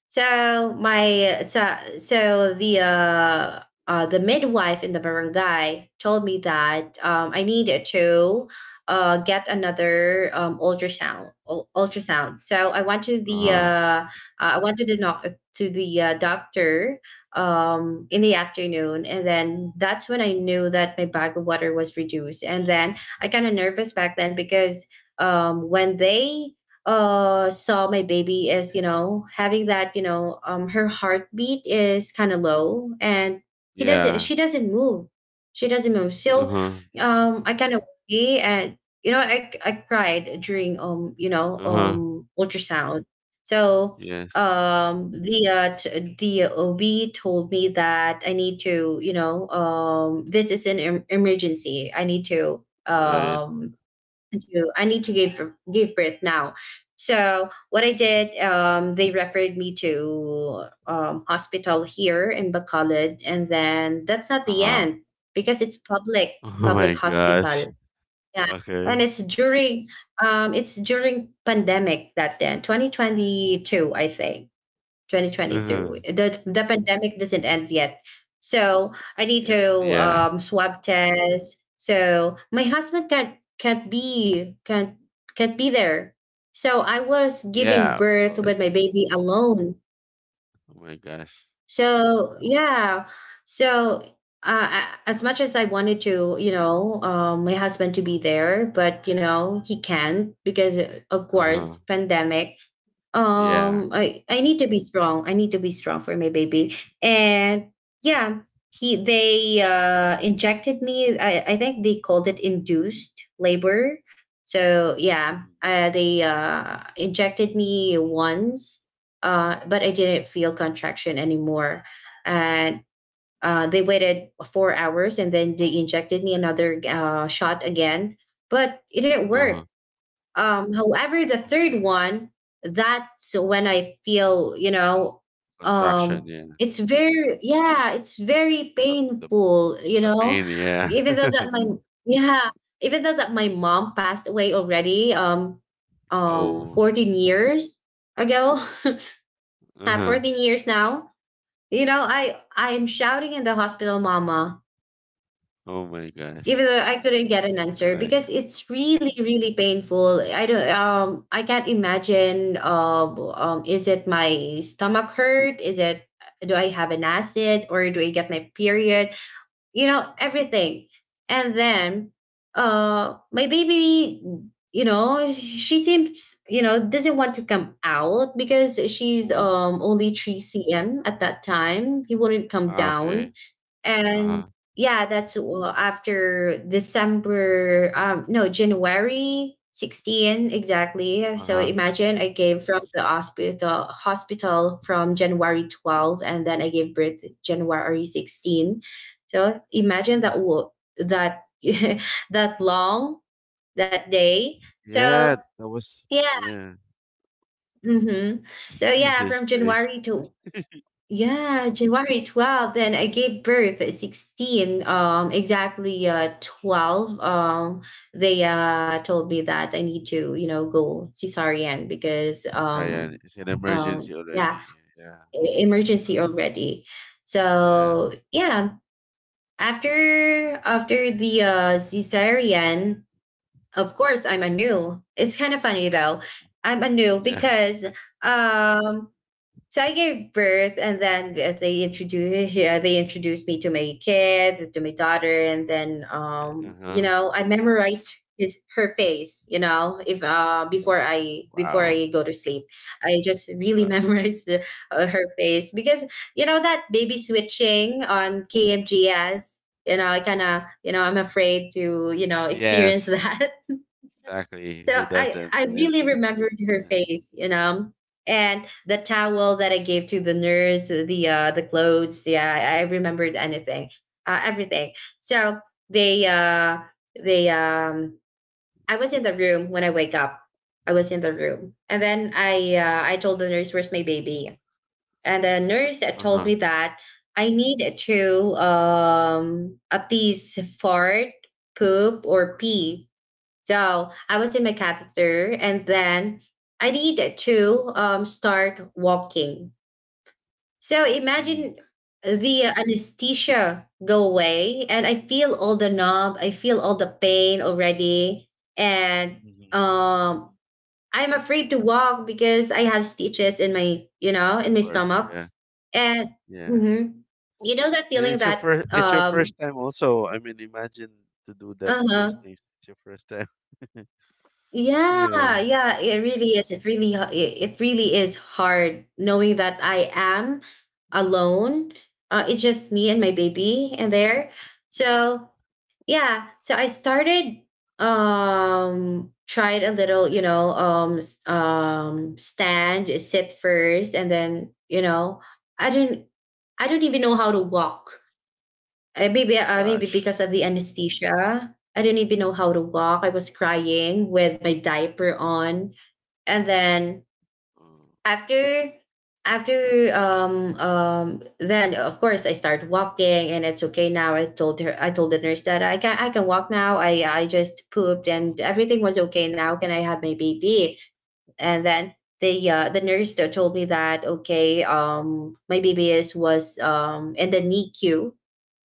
S1: So my so so the uh, uh the midwife in the barangay told me that um I needed to uh get another um ultrasound ul- ultrasound. So I went to
S2: Uh
S1: the
S2: huh.
S1: uh uh, I went to the doc- to the uh, doctor um in the afternoon, and then that's when I knew that my bag of water was reduced. And then I kind of nervous back then because um when they uh saw my baby is, you know, having that, you know, um her heartbeat is kind of low, and he doesn't
S2: Yeah.
S1: she doesn't move, she doesn't move.
S2: Uh
S1: So
S2: huh.
S1: um I kind of worry, and you know i i cried during um you know
S2: Uh huh.
S1: um ultrasound. So
S2: Yes.
S1: um the uh t- the OB told me that I need to, you know, um this is an em- emergency. I need to
S2: Right.
S1: um I do. I need to give give birth now. So what I did, um, they referred me to um, hospital here in Bacolod, and then that's not
S2: Uh
S1: the
S2: huh.
S1: end because it's public
S2: Oh
S1: public
S2: my gosh.
S1: hospital. Yeah,
S2: Okay.
S1: and it's during um, it's during pandemic, that then twenty twenty-two, I think.
S2: Uh
S1: twenty twenty-two.
S2: huh.
S1: The the pandemic doesn't end yet. So I need
S2: It.
S1: to
S2: Yeah.
S1: um swab test. So my husband can't can't be can't can't be there. So I was giving
S2: Yeah. Of
S1: birth with
S2: course.
S1: my baby alone.
S2: Oh my gosh.
S1: So
S2: Oh
S1: yeah. So uh, I- as much as I wanted to, you know, um, my husband to be there, but you know, he can't because, uh, of
S2: my. Uh huh.
S1: course, pandemic.
S2: Yeah.
S1: Um I I need to be strong, I need to be strong for my baby. And yeah, he they uh injected me. I I think they called it induced labor. So yeah,
S2: Mm.
S1: uh, they uh injected me once, uh but I didn't feel contraction anymore. And uh they waited four hours, and then they injected me another uh shot again, but it didn't
S2: Uh-huh.
S1: work. Um, however, the
S2: Okay.
S1: third one, that's when I feel, you know,
S2: Contraction,
S1: um,
S2: yeah.
S1: it's very, yeah, it's very
S2: The the
S1: painful, you
S2: the
S1: know.
S2: pain, yeah.
S1: even though that my, yeah, Even though that my mom passed away already, um, um,
S2: Oh.
S1: fourteen years ago, uh,
S2: Uh-huh.
S1: fourteen years now, you know, I, I'm shouting in the hospital, mama,
S2: Oh my
S1: even
S2: gosh.
S1: though I couldn't get an answer
S2: Uh,
S1: because
S2: yeah.
S1: it's really really painful. I don't um I can't imagine um um is it my stomach hurt? Is it do I have an acid, or do I get my period? You know everything, and then uh my baby, you know she seems, you know doesn't want to come out because she's
S2: Ooh.
S1: um only three centimeters at that time. He wouldn't come
S2: Ah,
S1: down.
S2: okay.
S1: And
S2: Uh-huh.
S1: yeah, that's well, after December, um no, January sixteen exactly. So
S2: Uh-huh.
S1: imagine, I gave from the hospital hospital from january twelfth, and then I gave birth january sixteen. So imagine
S2: Ooh.
S1: that wo- that that long, that day. So
S2: Yeah, that was,
S1: yeah.
S2: yeah.
S1: Hmm. So yeah,
S2: Jesus
S1: from
S2: Christ.
S1: january to, yeah, January twelfth. And I gave birth at sixteen. Um, exactly, uh twelve. Um, they uh told me that I need to, you know, go cesarean because
S2: It's
S1: um
S2: high-end. It's an
S1: um
S2: emergency
S1: yeah,
S2: already. Yeah.
S1: e- emergency already.
S2: Yeah.
S1: So yeah, after after the uh cesarean, of course I'm a new. It's kind of funny though. I'm a new
S2: Yeah.
S1: because um so I gave birth, and then uh, they introduced, yeah, they introduced me to my kid, to my daughter, and
S2: Mhm.
S1: then um, you
S2: Uh-huh.
S1: know, I memorized his, her face. You know, if uh,
S2: Right.
S1: before I before
S2: Wow.
S1: I go to sleep, I just really
S2: Wow.
S1: memorized the, uh, her face, because you know that baby switching on K M G S. You know, I kind of, you know, I'm afraid to, you know, experience
S2: Yes.
S1: that.
S2: Exactly.
S1: So
S2: Who
S1: I,
S2: doesn't? I
S1: I
S2: mean,
S1: really remembered her
S2: yeah.
S1: face, you know, and the towel that I gave to the nurse, the uh, the clothes. Yeah, I I remembered anything, uh, everything. So they uh, they um, I was in the room when I wake up. I was in the room, and then I uh, I told the nurse, "Where's my baby?" And the nurse that told
S2: Uh-huh.
S1: me that I need to um, at least fart, poop, or pee. So I was in my catheter, and then I needed to um, start walking. So
S2: Mm.
S1: imagine, the anesthesia go away, and I feel all the numb, I feel all the pain already, and
S2: Mhm, mhm, mhm.
S1: um, I'm afraid to walk because I have stitches in my, you know, in
S2: Of
S1: my
S2: course,
S1: stomach,
S2: yeah,
S1: and
S2: yeah.
S1: mhm, you know that
S2: And
S1: feeling
S2: it's your
S1: that
S2: first. It's your
S1: um,
S2: first time, also. I mean, imagine to do that.
S1: uh
S2: Those
S1: huh.
S2: things. It's your first time. Yeah.
S1: Yeah, yeah, it really is. It really h- it it really is hard knowing that I am alone. Uh, it's just me
S2: Mm,
S1: and my baby in there.
S2: yeah.
S1: So yeah, so I started um tried a little, you know, um s- um stand, sit first, and then you know, I didn't I don't even know how to walk. Eh, maybe, uh, maybe
S2: Gosh.
S1: because of the anesthesia, I didn't even know how to walk. I was crying with my diaper on, and then
S2: Uh,
S1: after, after, um, um, then of course I started walking, and it's okay now. I told her, I told the nurse that I can, I can walk now. I, I just pooped,
S2: uh,
S1: and everything was okay now. Can I have my baby? And then the uh, the nurse told me that okay, um, my baby is was um in the N I C U,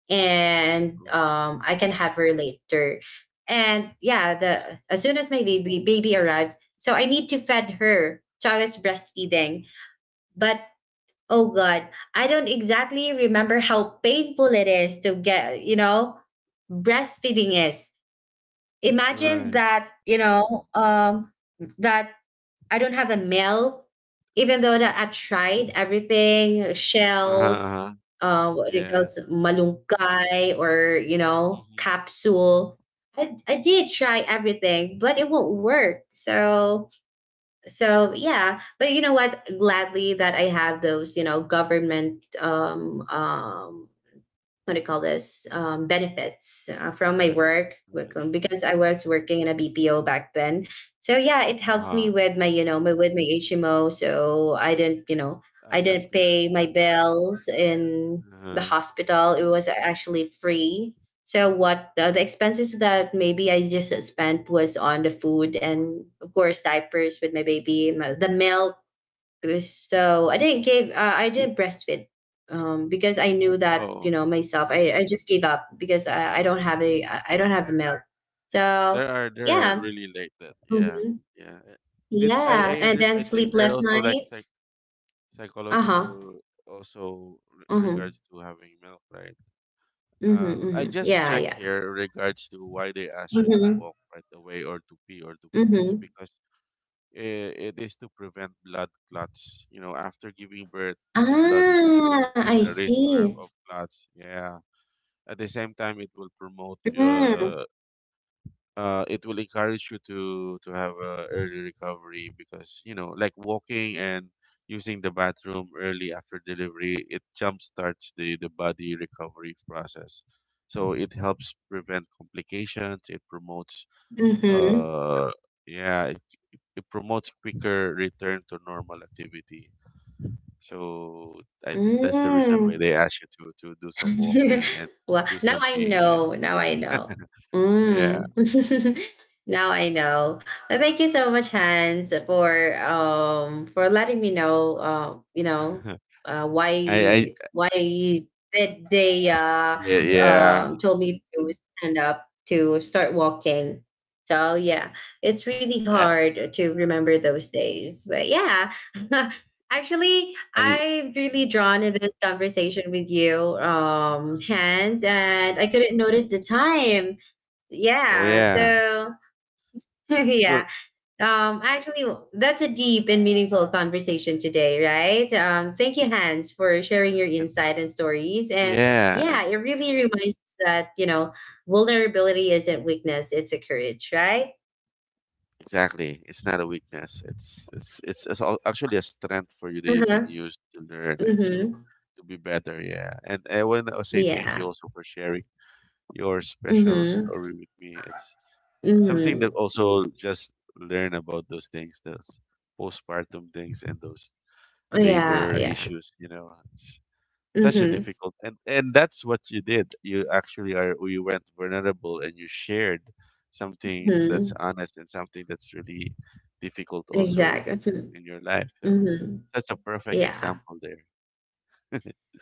S1: and
S2: uh,
S1: um, I can have her later. And yeah, the as soon as my baby baby arrived, so I need to fed her. So I was breastfeeding,
S2: mhm.
S1: but oh god, I don't exactly remember how painful it is to get, you know, breastfeeding is. Imagine
S2: Right.
S1: that, you know, um, that I don't have a meal, even though that I tried everything,
S2: Uh huh.
S1: shells,
S2: Uh-huh.
S1: uh, what do you call
S2: Yeah.
S1: it, malungkay, or you know,
S2: Mm-hmm.
S1: capsule. I, I did try everything, but it won't work. So so yeah, but you know what? Gladly that I have those, you know, government um, um, what do you call this, um, benefits, uh, from my
S2: Benefits.
S1: work
S2: Right.
S1: because I was working in a B P O back then. So yeah, it
S2: Uh
S1: helped me
S2: huh.
S1: with my, you know, my, with my H M O. So I didn't, you know,
S2: Uh,
S1: I
S2: that's
S1: didn't
S2: good.
S1: pay my bills in
S2: Uh
S1: the
S2: huh.
S1: hospital. It was actually free. So what uh, the expenses that maybe I just spent was on the food and of course diapers with my baby, my, the milk. So I didn't give. Uh, I did breastfeed, um, because I knew that, you
S2: Oh,
S1: know, myself. I, I just gave up because I, I don't have a I I don't have the milk. So
S2: there are there are
S1: yeah.
S2: really like that. Yeah.
S1: Hmm.
S2: Yeah. Uh, Did I
S1: Yeah,
S2: I
S1: and
S2: under, I
S1: then
S2: think there are
S1: sleepless
S2: also like psych
S1: nights. Uh huh.
S2: psychological also re-
S1: Mm-hmm.
S2: regards to having milk, right?
S1: Mm-hmm,
S2: Uh, I
S1: mm-hmm.
S2: just
S1: Yeah,
S2: check
S1: yeah.
S2: here regards to why they ask you to
S1: Mm-hmm.
S2: walk right away or to pee or to poo is
S1: Mm-hmm.
S2: because it, it is to prevent blood clots. You know, after giving birth, the blood is
S1: Ah,
S2: thicker and
S1: I
S2: the risk
S1: see.
S2: are, of clots. Yeah. At the same time, it will promote
S1: Mm-hmm.
S2: uh, uh, it will encourage you to to have a early recovery, because you know like walking and using the bathroom early after delivery, it jumpstarts the the body recovery process. So it helps prevent complications, it promotes
S1: Mm-hmm.
S2: uh yeah, it, it promotes quicker return to normal activity. So I, that's the reason why
S1: Mm.
S2: they ask you to to do some walking and
S1: Well,
S2: do
S1: now
S2: some
S1: I
S2: peeing.
S1: know. Now I know.
S2: Yeah.
S1: Mm. Now I know. Well, thank you so much, Hans, for um for letting me know. Uh, you know, uh,
S2: Yeah. I I
S1: why why did they uh
S2: yeah,
S1: um told me to stand up to start walking. So yeah, it's really
S2: yeah.
S1: hard to remember those days, but yeah. Actually,
S2: I
S1: I'm really drawn in this conversation with you, um,
S2: mm,
S1: Hans, and I couldn't notice the time.
S2: Oh
S1: Yeah,
S2: yeah.
S1: so
S2: Well,
S1: yeah. Um, actually, that's a deep and meaningful conversation today, right? Um, thank you, Hans, for sharing your
S2: and,
S1: insight and stories. And
S2: yeah, and
S1: yeah, it really reminds us that, you know, vulnerability isn't weakness; it's a courage, right?
S2: exactly. It's not a weakness. It's it's it's, it's al- actually a strength for you that
S1: Uh
S2: you can
S1: huh.
S2: use to learn and
S1: Mm
S2: to
S1: hmm.
S2: to be better. Yeah. And I want to say thank you
S1: Yeah.
S2: also for sharing your
S1: Mm
S2: special
S1: hmm.
S2: story with me. It's something that
S1: Mm
S2: also just learn about those things, those postpartum things and those
S1: hmm. Yeah.
S2: labor
S1: Yeah.
S2: issues. You know, it's
S1: Mm
S2: such a
S1: hmm.
S2: difficult, and and that's what you did you actually are you went vulnerable, and you shared something that's
S1: Mhm.
S2: honest and something that's really difficult also
S1: Exactly.
S2: in,
S1: Mhm.
S2: in your life. So
S1: Mhm.
S2: that's a perfect
S1: Yeah,
S2: example there.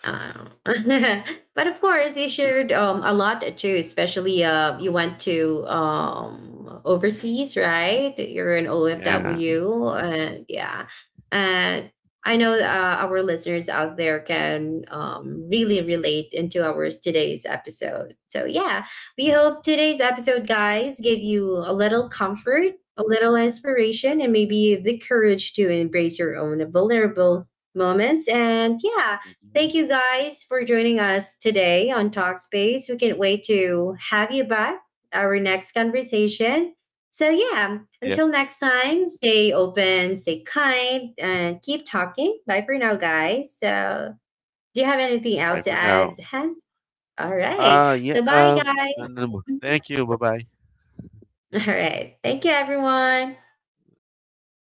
S1: Uh, but of course, you shared um, a lot too, especially uh, you went to um, overseas, right? You're an
S2: Yeah.
S1: O F W. And yeah. And I know, uh, our listeners out there can, um, really relate into our today's episode. So yeah, we hope today's episode, guys, gave you a little comfort, a little inspiration, and maybe the courage to embrace your own vulnerable moments. And yeah, thank
S2: Hmm.
S1: you guys for joining us today on Talkspace. We can't wait to have you back our next conversation. So yeah,
S2: Yep.
S1: until next time, stay open, stay kind, and keep talking. Bye for now, guys. So, do you have anything
S2: Bye for
S1: else to
S2: now.
S1: add, Hans? All
S2: uh
S1: right.
S2: yeah.
S1: So bye
S2: um no,
S1: guys.
S2: no, no. Thank you. Bye bye.
S1: All right. Thank you everyone.
S2: Thank you.